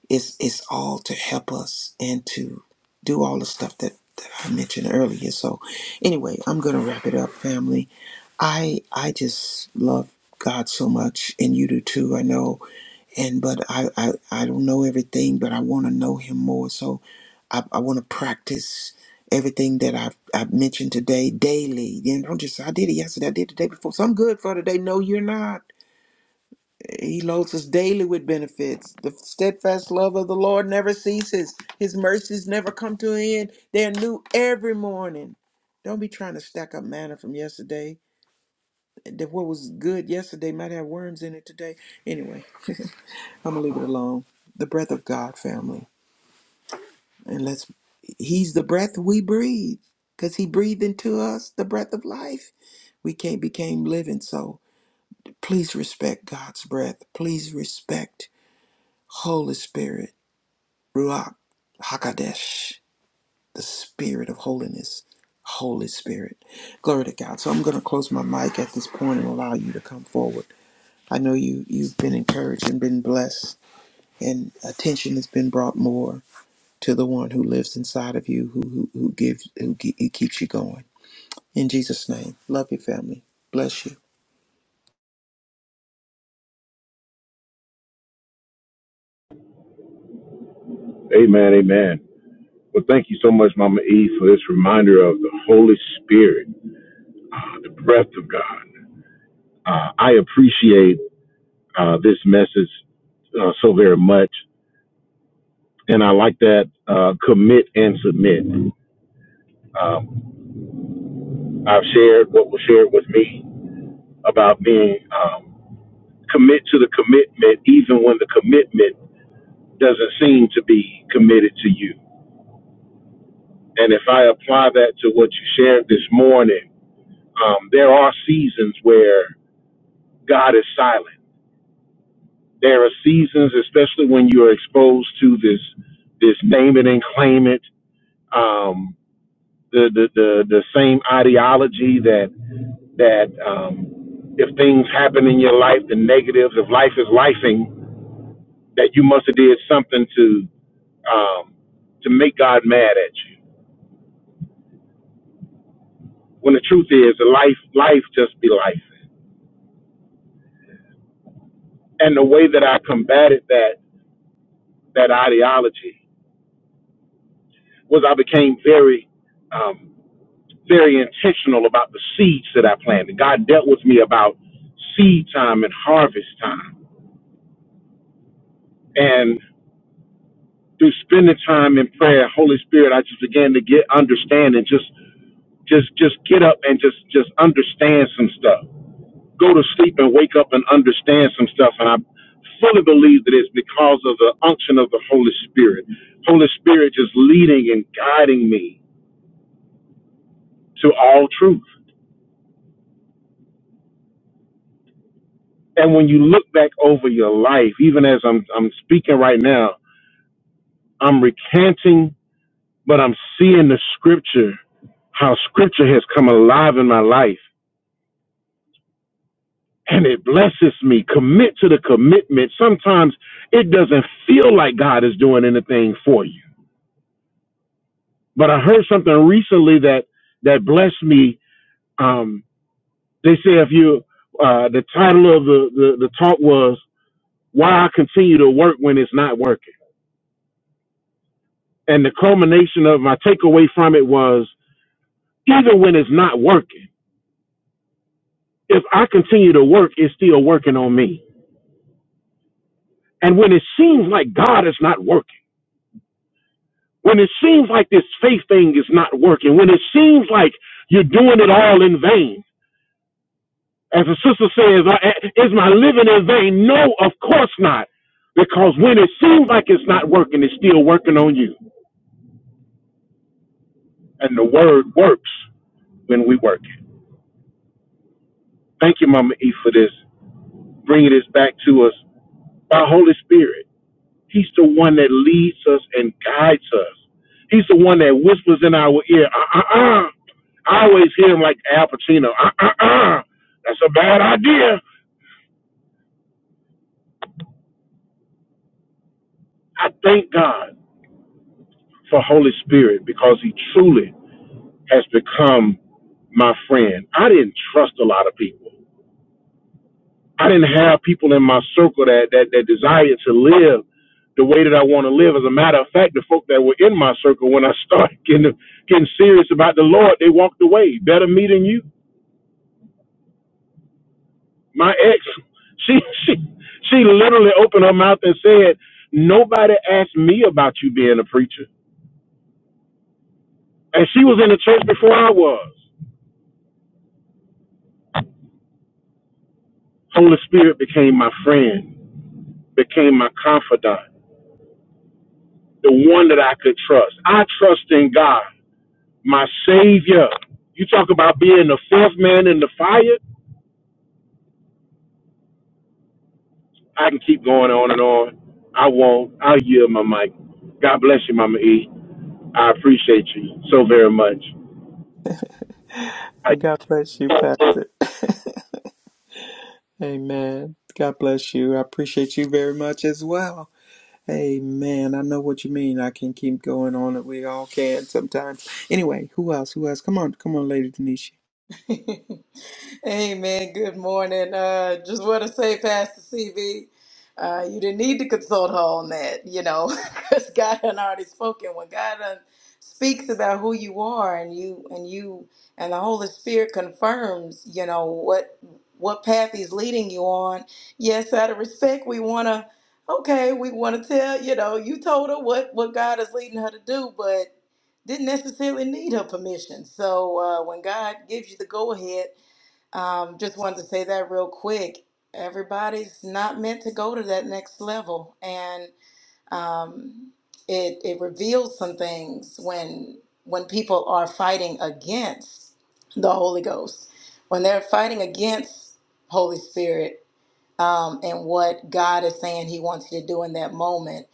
A: is is all to help us and to do all the stuff that, that I mentioned earlier. So anyway, I'm gonna wrap it up, family. I I just love God so much and you do too, I know and but I, I I don't know everything, but I want to know Him more. So I, I want to practice everything that I've I've mentioned today daily. And don't just say, I did it yesterday, I did it the day before. So I'm good for today. No, you're not. He loads us daily with benefits. The steadfast love of the Lord never ceases. His mercies never come to an end. They're new every morning. Don't be trying to stack up manna from yesterday. That what was good yesterday might have worms in it today. Anyway. I'm gonna leave it alone. The breath of God, family, and let's. He's the breath we breathe, cause He breathed into us the breath of life. We can't became living, so please respect God's breath. Please respect Holy Spirit, Ruach Hakadesh, the Spirit of holiness. Holy Spirit, glory to God. So I'm gonna close my mic at this point and allow you to come forward. I know you you've been encouraged and been blessed, and attention has been brought more. to the one who lives inside of you, who who, who gives, who, ge- who keeps you going. In Jesus' name, love your family. Bless you.
F: Amen, amen. Well, thank you so much, Mama E, for this reminder of the Holy Spirit, uh, the breath of God. Uh, I appreciate uh, this message uh, so very much, and I like that uh, commit and submit. Um, I've shared what was shared with me about being um, commit to the commitment, even when the commitment doesn't seem to be committed to you. And if I apply that to what you shared this morning, um, there are seasons where God is silent. There are seasons, especially when you are exposed to this this name it and claim it, um, the, the the the same ideology that that um, if things happen in your life, the negatives of life is lifing, that you must have did something to um, to make God mad at you. When the truth is, the life life just be life. And the way that I combated that that ideology was I became very um, very intentional about the seeds that I planted. God dealt with me about seed time and harvest time. And through spending time in prayer, Holy Spirit, I just began to get understand and just just just get up and just just understand some stuff. Go to sleep and wake up and understand some stuff. And I fully believe that it's because of the unction of the Holy Spirit. Holy Spirit just leading and guiding me to all truth. And when you look back over your life, even as I'm I'm speaking right now, I'm recanting, but I'm seeing the scripture, how scripture has come alive in my life. And it blesses me. Commit to the commitment. Sometimes it doesn't feel like God is doing anything for you. But I heard something recently that that blessed me. Um, they say if you, uh, the title of the, the, the talk was, Why I Continue to Work When It's Not Working. And the culmination of my takeaway from it was, even when it's not working, if I continue to work, it's still working on me. And when it seems like God is not working, when it seems like this faith thing is not working, when it seems like you're doing it all in vain, as the sister says, is my living in vain? No, of course not. Because when it seems like it's not working, it's still working on you. And the word works when we work it. Thank you, Mama E, for this, bringing this back to us by Holy Spirit. He's the one that leads us and guides us. He's the one that whispers in our ear. Uh uh uh. I always hear him like Al Pacino. Uh uh uh. That's a bad idea. I thank God for Holy Spirit because He truly has become my friend. I didn't trust a lot of people. I didn't have people in my circle that that, that desired to live the way that I want to live. As a matter of fact, the folk that were in my circle when I started getting getting serious about the Lord, they walked away. Better me than you my ex she she she literally opened her mouth and said nobody asked me about you being a preacher and she was in the church before i was holy spirit became my friend became my confidant the one that i could trust i trust in god my savior you talk about being the fourth man in the fire i can keep going on and on i won't i'll yield my mic god bless you mama e i appreciate you so very much
A: And
F: I.
A: God bless you, Pastor. Amen. God bless you. I appreciate you very much as well. Amen. I know what you mean. I can keep going on it. We all can sometimes. Anyway, who else? Who else? Come on, come on, Lady Denisha.
C: Amen. Good morning. Uh, just want to say, Pastor CB, uh, you didn't need to consult her on that, you know, because God had already spoken. When God done speaks about who you are, and you and you and the Holy Spirit confirms, you know, what what path He's leading you on. Yes, out of respect, we want to. Okay, we want to tell you know you told her what what God is leading her to do, didn't necessarily need her permission. So uh, when God gives you the go ahead, um, just wanted to say that real quick. Everybody's not meant to go to that next level, and um, it it reveals some things when when people are fighting against the Holy Ghost, when they're fighting against Holy Spirit um, and what God is saying He wants you to do in that moment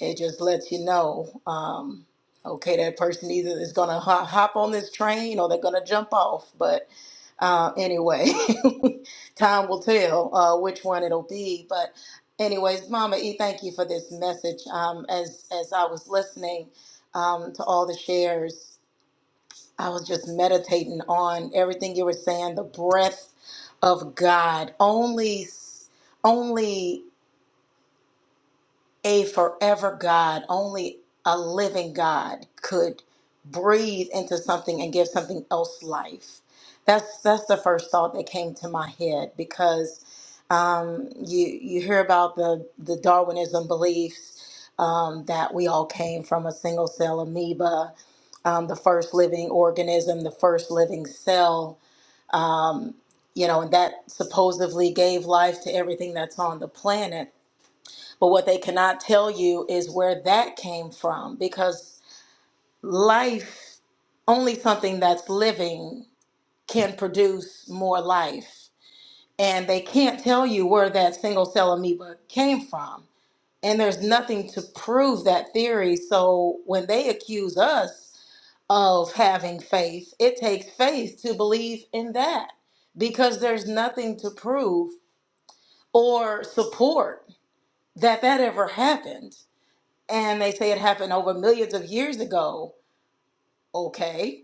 C: it just lets you know, um, okay, that person either is going to hop on this train or they're going to jump off. But uh, anyway, time will tell uh, which one it'll be. But anyways, Mama E, thank you for this message. Um, as as I was listening um, to all the shares, I was just meditating on everything you were saying. The breath of God only only a forever God, only a living God could breathe into something and give something else life. That's that's the first thought that came to my head because um, you you hear about the the Darwinism beliefs um, that we all came from a single cell amoeba, um, the first living organism, the first living cell. Um, you know, and that supposedly gave life to everything that's on the planet but what they cannot tell you is where that came from because life, only something that's living can produce more life. And they can't tell you where that single cell amoeba came from. And there's nothing to prove that theory. So when they accuse us of having faith, it takes faith to believe in that because there's nothing to prove or support that that ever happened. and they say it happened over millions of years ago. Okay.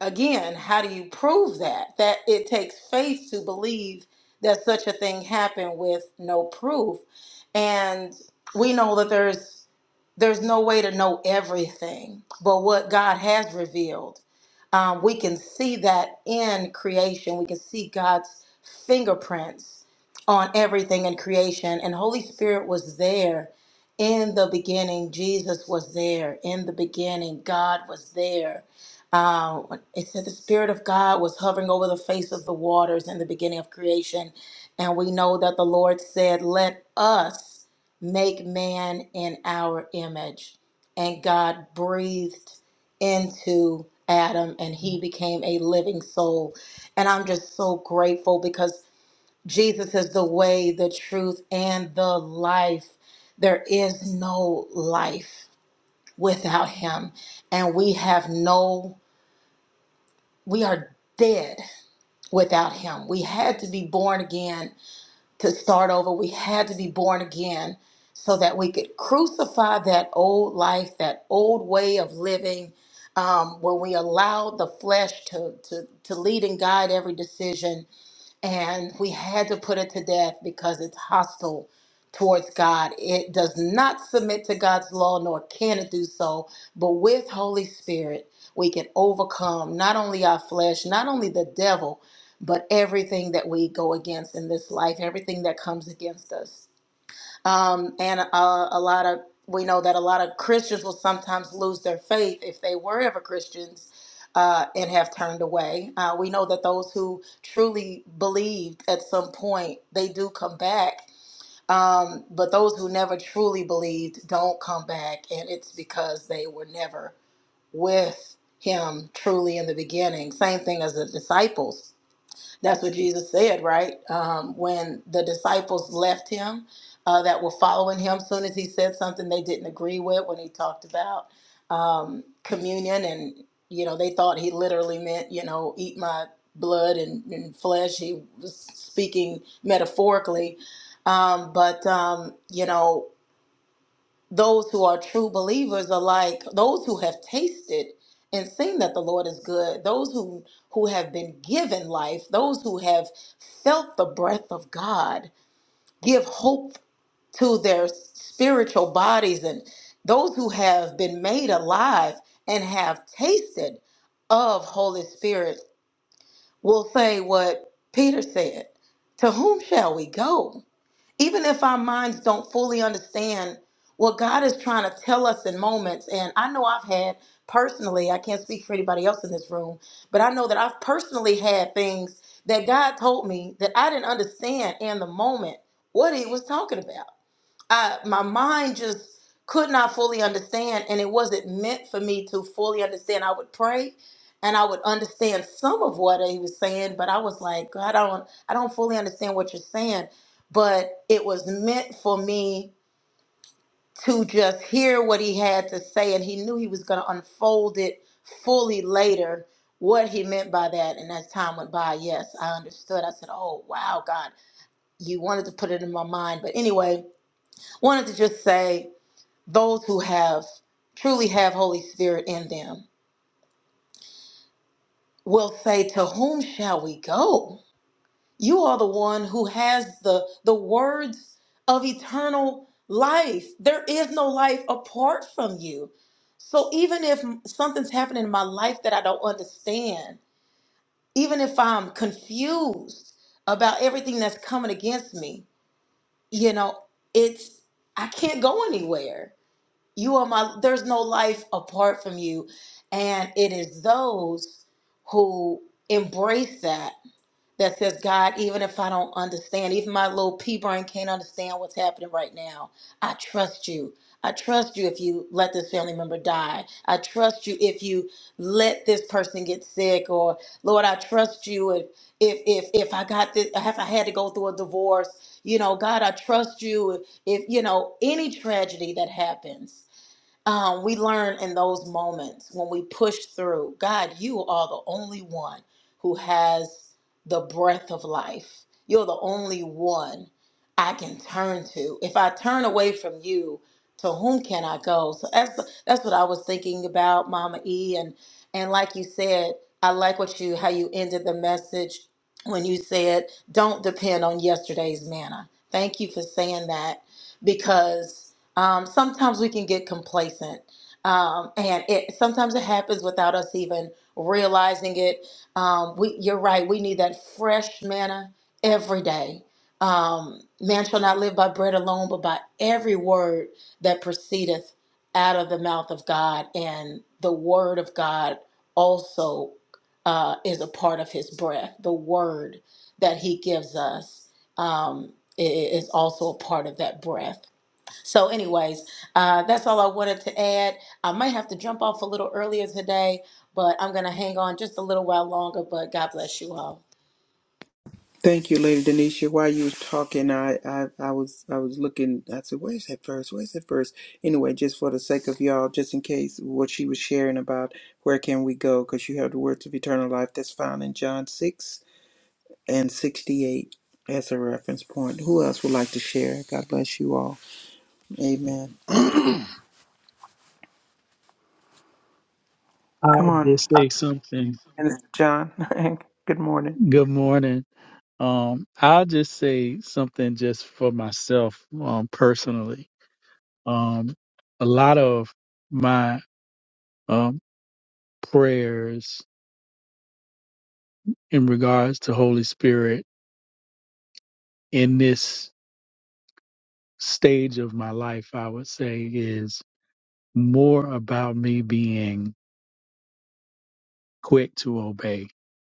C: Again, how do you prove that? That it takes faith to believe that such a thing happened with no proof. And we know that there's there's no way to know everything, but what God has revealed, um, we can see that in creation. We can see God's fingerprints on everything in creation. And Holy Spirit was there in the beginning. Jesus was there in the beginning. God was there. Um, it said the Spirit of God was hovering over the face of the waters in the beginning of creation. And we know that the Lord said, Let us make man in our image. And God breathed into Adam and he became a living soul. And I'm just so grateful because Jesus is the way, the truth, and the life. There is no life without him. And we have no, we are dead without him. We had to be born again to start over. We had to be born again so that we could crucify that old life, that old way of living, um, where we allowed the flesh to, to, to lead and guide every decision and we had to put it to death because it's hostile towards God. It does not submit to God's law, nor can it do so. But with Holy Spirit, we can overcome not only our flesh, not only the devil, but everything that we go against in this life, everything that comes against us. Um, and uh, a lot of we know that a lot of Christians will sometimes lose their faith if they were ever Christians uh, and have turned away. Uh, we know that those who truly believed at some point they do come back, um, but those who never truly believed don't come back, and it's because they were never with Him truly in the beginning. Same thing as the disciples that's what Jesus said, right? Um, when the disciples left him, uh, that were following him, soon as he said something they didn't agree with, when he talked about um, communion, and you know they thought he literally meant, you know, eat my blood and, and flesh. He was speaking metaphorically, um, but um, you know those who are true believers are like those who have tasted and seen that the Lord is good, those who, who have been given life, those who have felt the breath of God give hope to their spiritual bodies, and those who have been made alive and have tasted of Holy Spirit will say what Peter said To whom shall we go? even if our minds don't fully understand what God is trying to tell us in moments. And I know I've had personally, I can't speak for anybody else in this room, but I know that I've personally had things that God told me that I didn't understand in the moment what He was talking about. I my mind just could not fully understand and it wasn't meant for me to fully understand. I would pray and I would understand some of what he was saying, but I was like, God, I don't I don't fully understand what you're saying. But it was meant for me to just hear what he had to say and he knew he was gonna unfold it fully later what he meant by that and as time went by yes i understood i said oh wow god you wanted to put it in my mind but anyway wanted to just say those who have truly have holy spirit in them will say to whom shall we go you are the one who has the the words of eternal life there is no life apart from you so even if something's happening in my life that i don't understand even if i'm confused about everything that's coming against me you know it's i can't go anywhere You are my, there's no life apart from you. And it is those who embrace that, that says, God, even if I don't understand, even my little pea brain can't understand what's happening right now, I trust you. I trust you if you let this family member die. I trust you if you let this person get sick or Lord, I trust you if if if if I got this if I had to go through a divorce, you know, God, I trust you if if you know any tragedy that happens um, we learn in those moments when we push through god you are the only one who has the breath of life you're the only one i can turn to if i turn away from you to whom can i go so that's that's what i was thinking about mama e and and like you said i like what you how you ended the message when you said don't depend on yesterday's manna thank you for saying that because um, sometimes we can get complacent um, and it sometimes it happens without us even realizing it um, we, you're right we need that fresh manna every day um, man shall not live by bread alone but by every word that proceedeth out of the mouth of god and the word of god also uh, is a part of his breath the word that he gives us um, i- is also a part of that breath so, anyways, uh, that's all I wanted to add. I might have to jump off a little earlier today, but I'm going to hang on just a little while longer. But God bless you all.
A: Thank you, Lady Denisha. While you were talking, I, I, I was I was looking. I said, "Where's that verse? Where's that verse?" Anyway, just for the sake of y'all, just in case what she was sharing about where can we go, because you have the words of eternal life that's found in John six and sixty eight as a reference point. Who else would like to share? God bless you all. Amen. Come
E: I'll
A: on,
E: just say something.
A: and John. Good morning,
E: Good morning. Um, I'll just say something just for myself, um, personally. Um, a lot of my um prayers in regards to Holy Spirit in this stage of my life, I would say, is more about me being quick to obey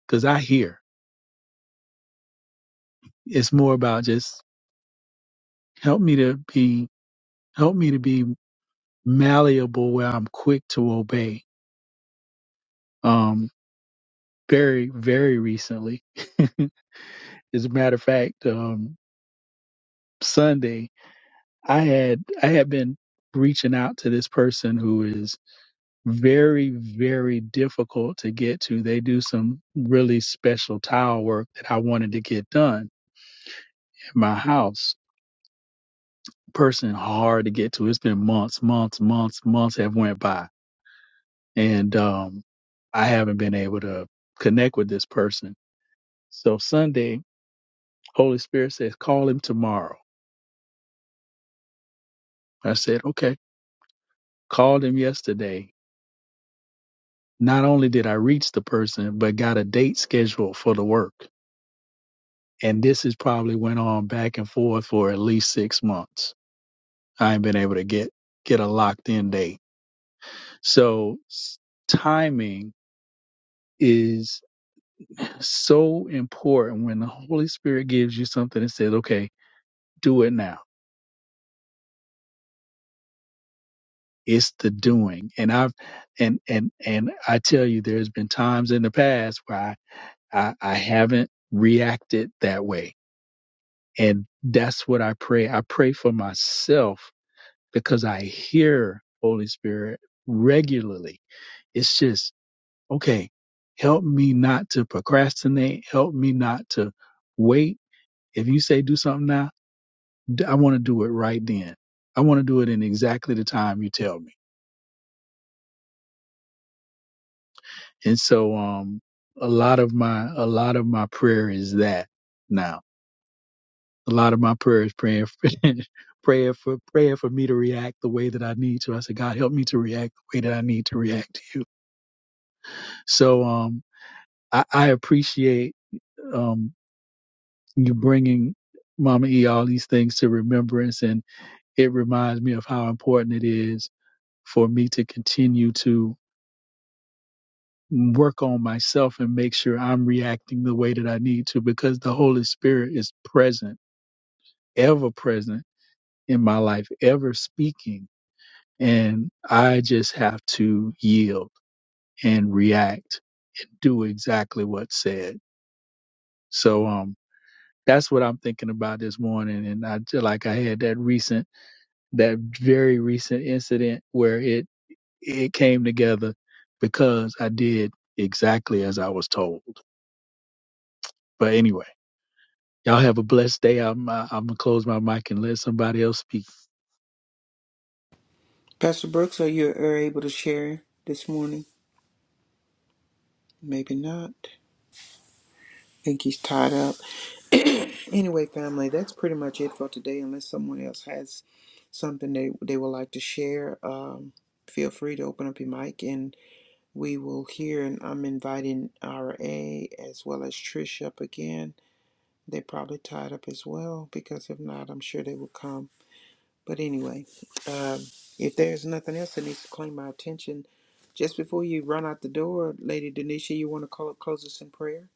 E: because I hear. It's more about just help me to be help me to be malleable where I'm quick to obey. Um, very, very recently, as a matter of fact, um, Sunday, I had I had been reaching out to this person who is very, very difficult to get to. They do some really special tile work that I wanted to get done at my house. Person hard to get to. It's been months, months, months, months have went by and um, I haven't been able to connect with this person. So Sunday, Holy Spirit says, call him tomorrow. I said, okay. Called him yesterday. Not only did I reach the person, but got a date scheduled for the work. And this has probably went on back and forth for at least six months. I ain't been able to get get a locked in date. So s- timing is so important when the Holy Spirit gives you something and says, okay, do it now It's the doing. And I've and and and I tell you, there's been times in the past where I, I, I haven't reacted that way. And that's what I pray. I pray for myself because I hear Holy Spirit regularly. It's just, okay, help me not to procrastinate. Help me not to wait. If you say do something now, d- I want to do it right then. I want to do it in exactly the time you tell me And so, um, a lot of my, a lot of my prayer is that now. A lot of my prayer is praying for, prayer for, praying for me to react the way that I need to. I said, God, help me to react the way that I need to react to you. So, um, I, I appreciate, um, you bringing Mama E all these things to remembrance. And it reminds me of how important it is for me to continue to work on myself and make sure I'm reacting the way that I need to because the Holy Spirit is present, ever present in my life, ever speaking. And I just have to yield and react, do exactly what's said. So, um, that's what I'm thinking about this morning. And I feel like I had that recent, that very recent incident where it, it came together because I did exactly as I was told. But anyway. Y'all have a blessed day. I'm uh, I'm gonna close my mic and let somebody else speak.
A: Pastor Brooks. Are you are able to share this morning? Maybe not. I think he's tied up. Anyway, family, that's pretty much it for today. Unless someone else has something they they would like to share, um, feel free to open up your mic and we will hear. And I'm inviting RA as well as Trish up again. They're probably tied up as well because if not, I'm sure they will come. But anyway, um, if there's nothing else that needs to claim my attention, just before you run out the door, Lady Denisha, you want to call, close us in prayer?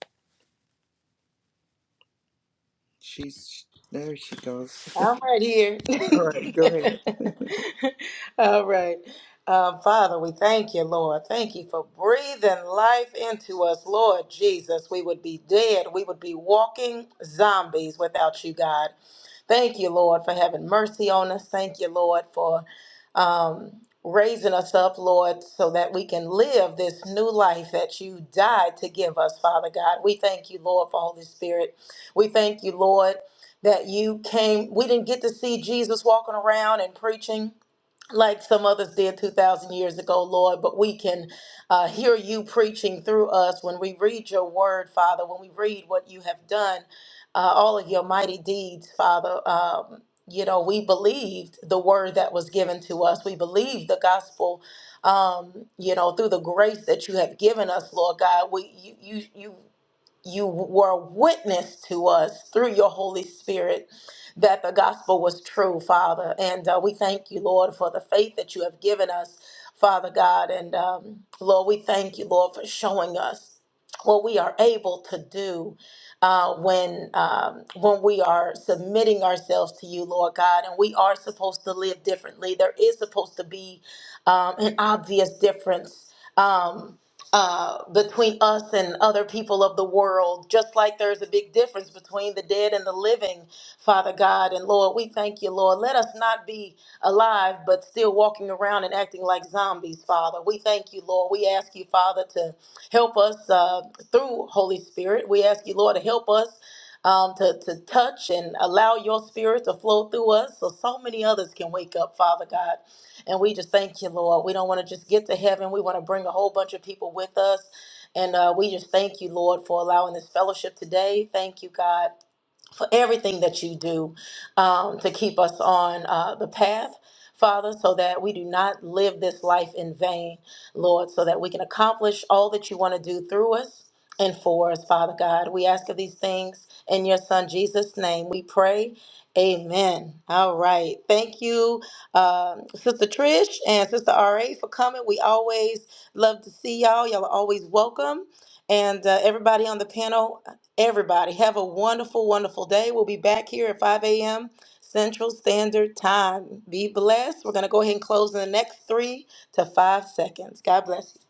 A: She's there. She goes.
C: I'm right here.
A: All right, go ahead.
C: all right. Uh, Father, we thank you, Lord. Thank you for breathing life into us, Lord Jesus. We would be dead. We would be walking zombies without you, God. Thank you, Lord, for having mercy on us. Thank you, Lord, for um, raising us up, Lord, so that we can live this new life that you died to give us, Father God. We thank you, Lord, for Holy Spirit. We thank you, Lord, that you came. We didn't get to see Jesus walking around and preaching like some others did 2,000 years ago, Lord, but we can uh, hear you preaching through us when we read your word, Father, when we read what you have done, uh, all of your mighty deeds, Father. Um, you know, we believed the word that was given to us. We believed the gospel, um, you know, through the grace that you have given us, Lord God. We, you, you, you you were a witness to us through your Holy Spirit that the gospel was true, Father. And uh, we thank you, Lord, for the faith that you have given us, Father God. And um, Lord, we thank you, Lord, for showing us what we are able to do uh, when um, when we are submitting ourselves to you, Lord God. And we are supposed to live differently. There is supposed to be um, an obvious difference. Um, uh, between us and other people of the world, just like there's a big difference between the dead and the living, Father God. And Lord, we thank you, Lord. Let us not be alive, but still walking around and acting like zombies, Father. We thank you, Lord. We ask you, Father, to help us uh, through Holy Spirit. We ask you, Lord, to help us. Um, to, to touch and allow your spirit to flow through us so so many others can wake up, Father God. And we just thank you, Lord. We don't want to just get to heaven. We want to bring a whole bunch of people with us. And uh, we just thank you, Lord, for allowing this fellowship today. Thank you, God for everything that you do um, to keep us on uh, the path, Father, so that we do not live this life in vain, Lord, so that we can accomplish all that you want to do through us and for us, Father God. We ask of these things in your Son Jesus' name. We pray. Amen. All right. Thank you, um, Sister Trish and Sister RA, for coming. We always love to see y'all. Y'all are always welcome. And uh, everybody on the panel, everybody, have a wonderful, wonderful day. We'll be back here at 5 a.m. Central Standard Time. Be blessed. We're going to go ahead and close in the next three to five seconds. God bless you.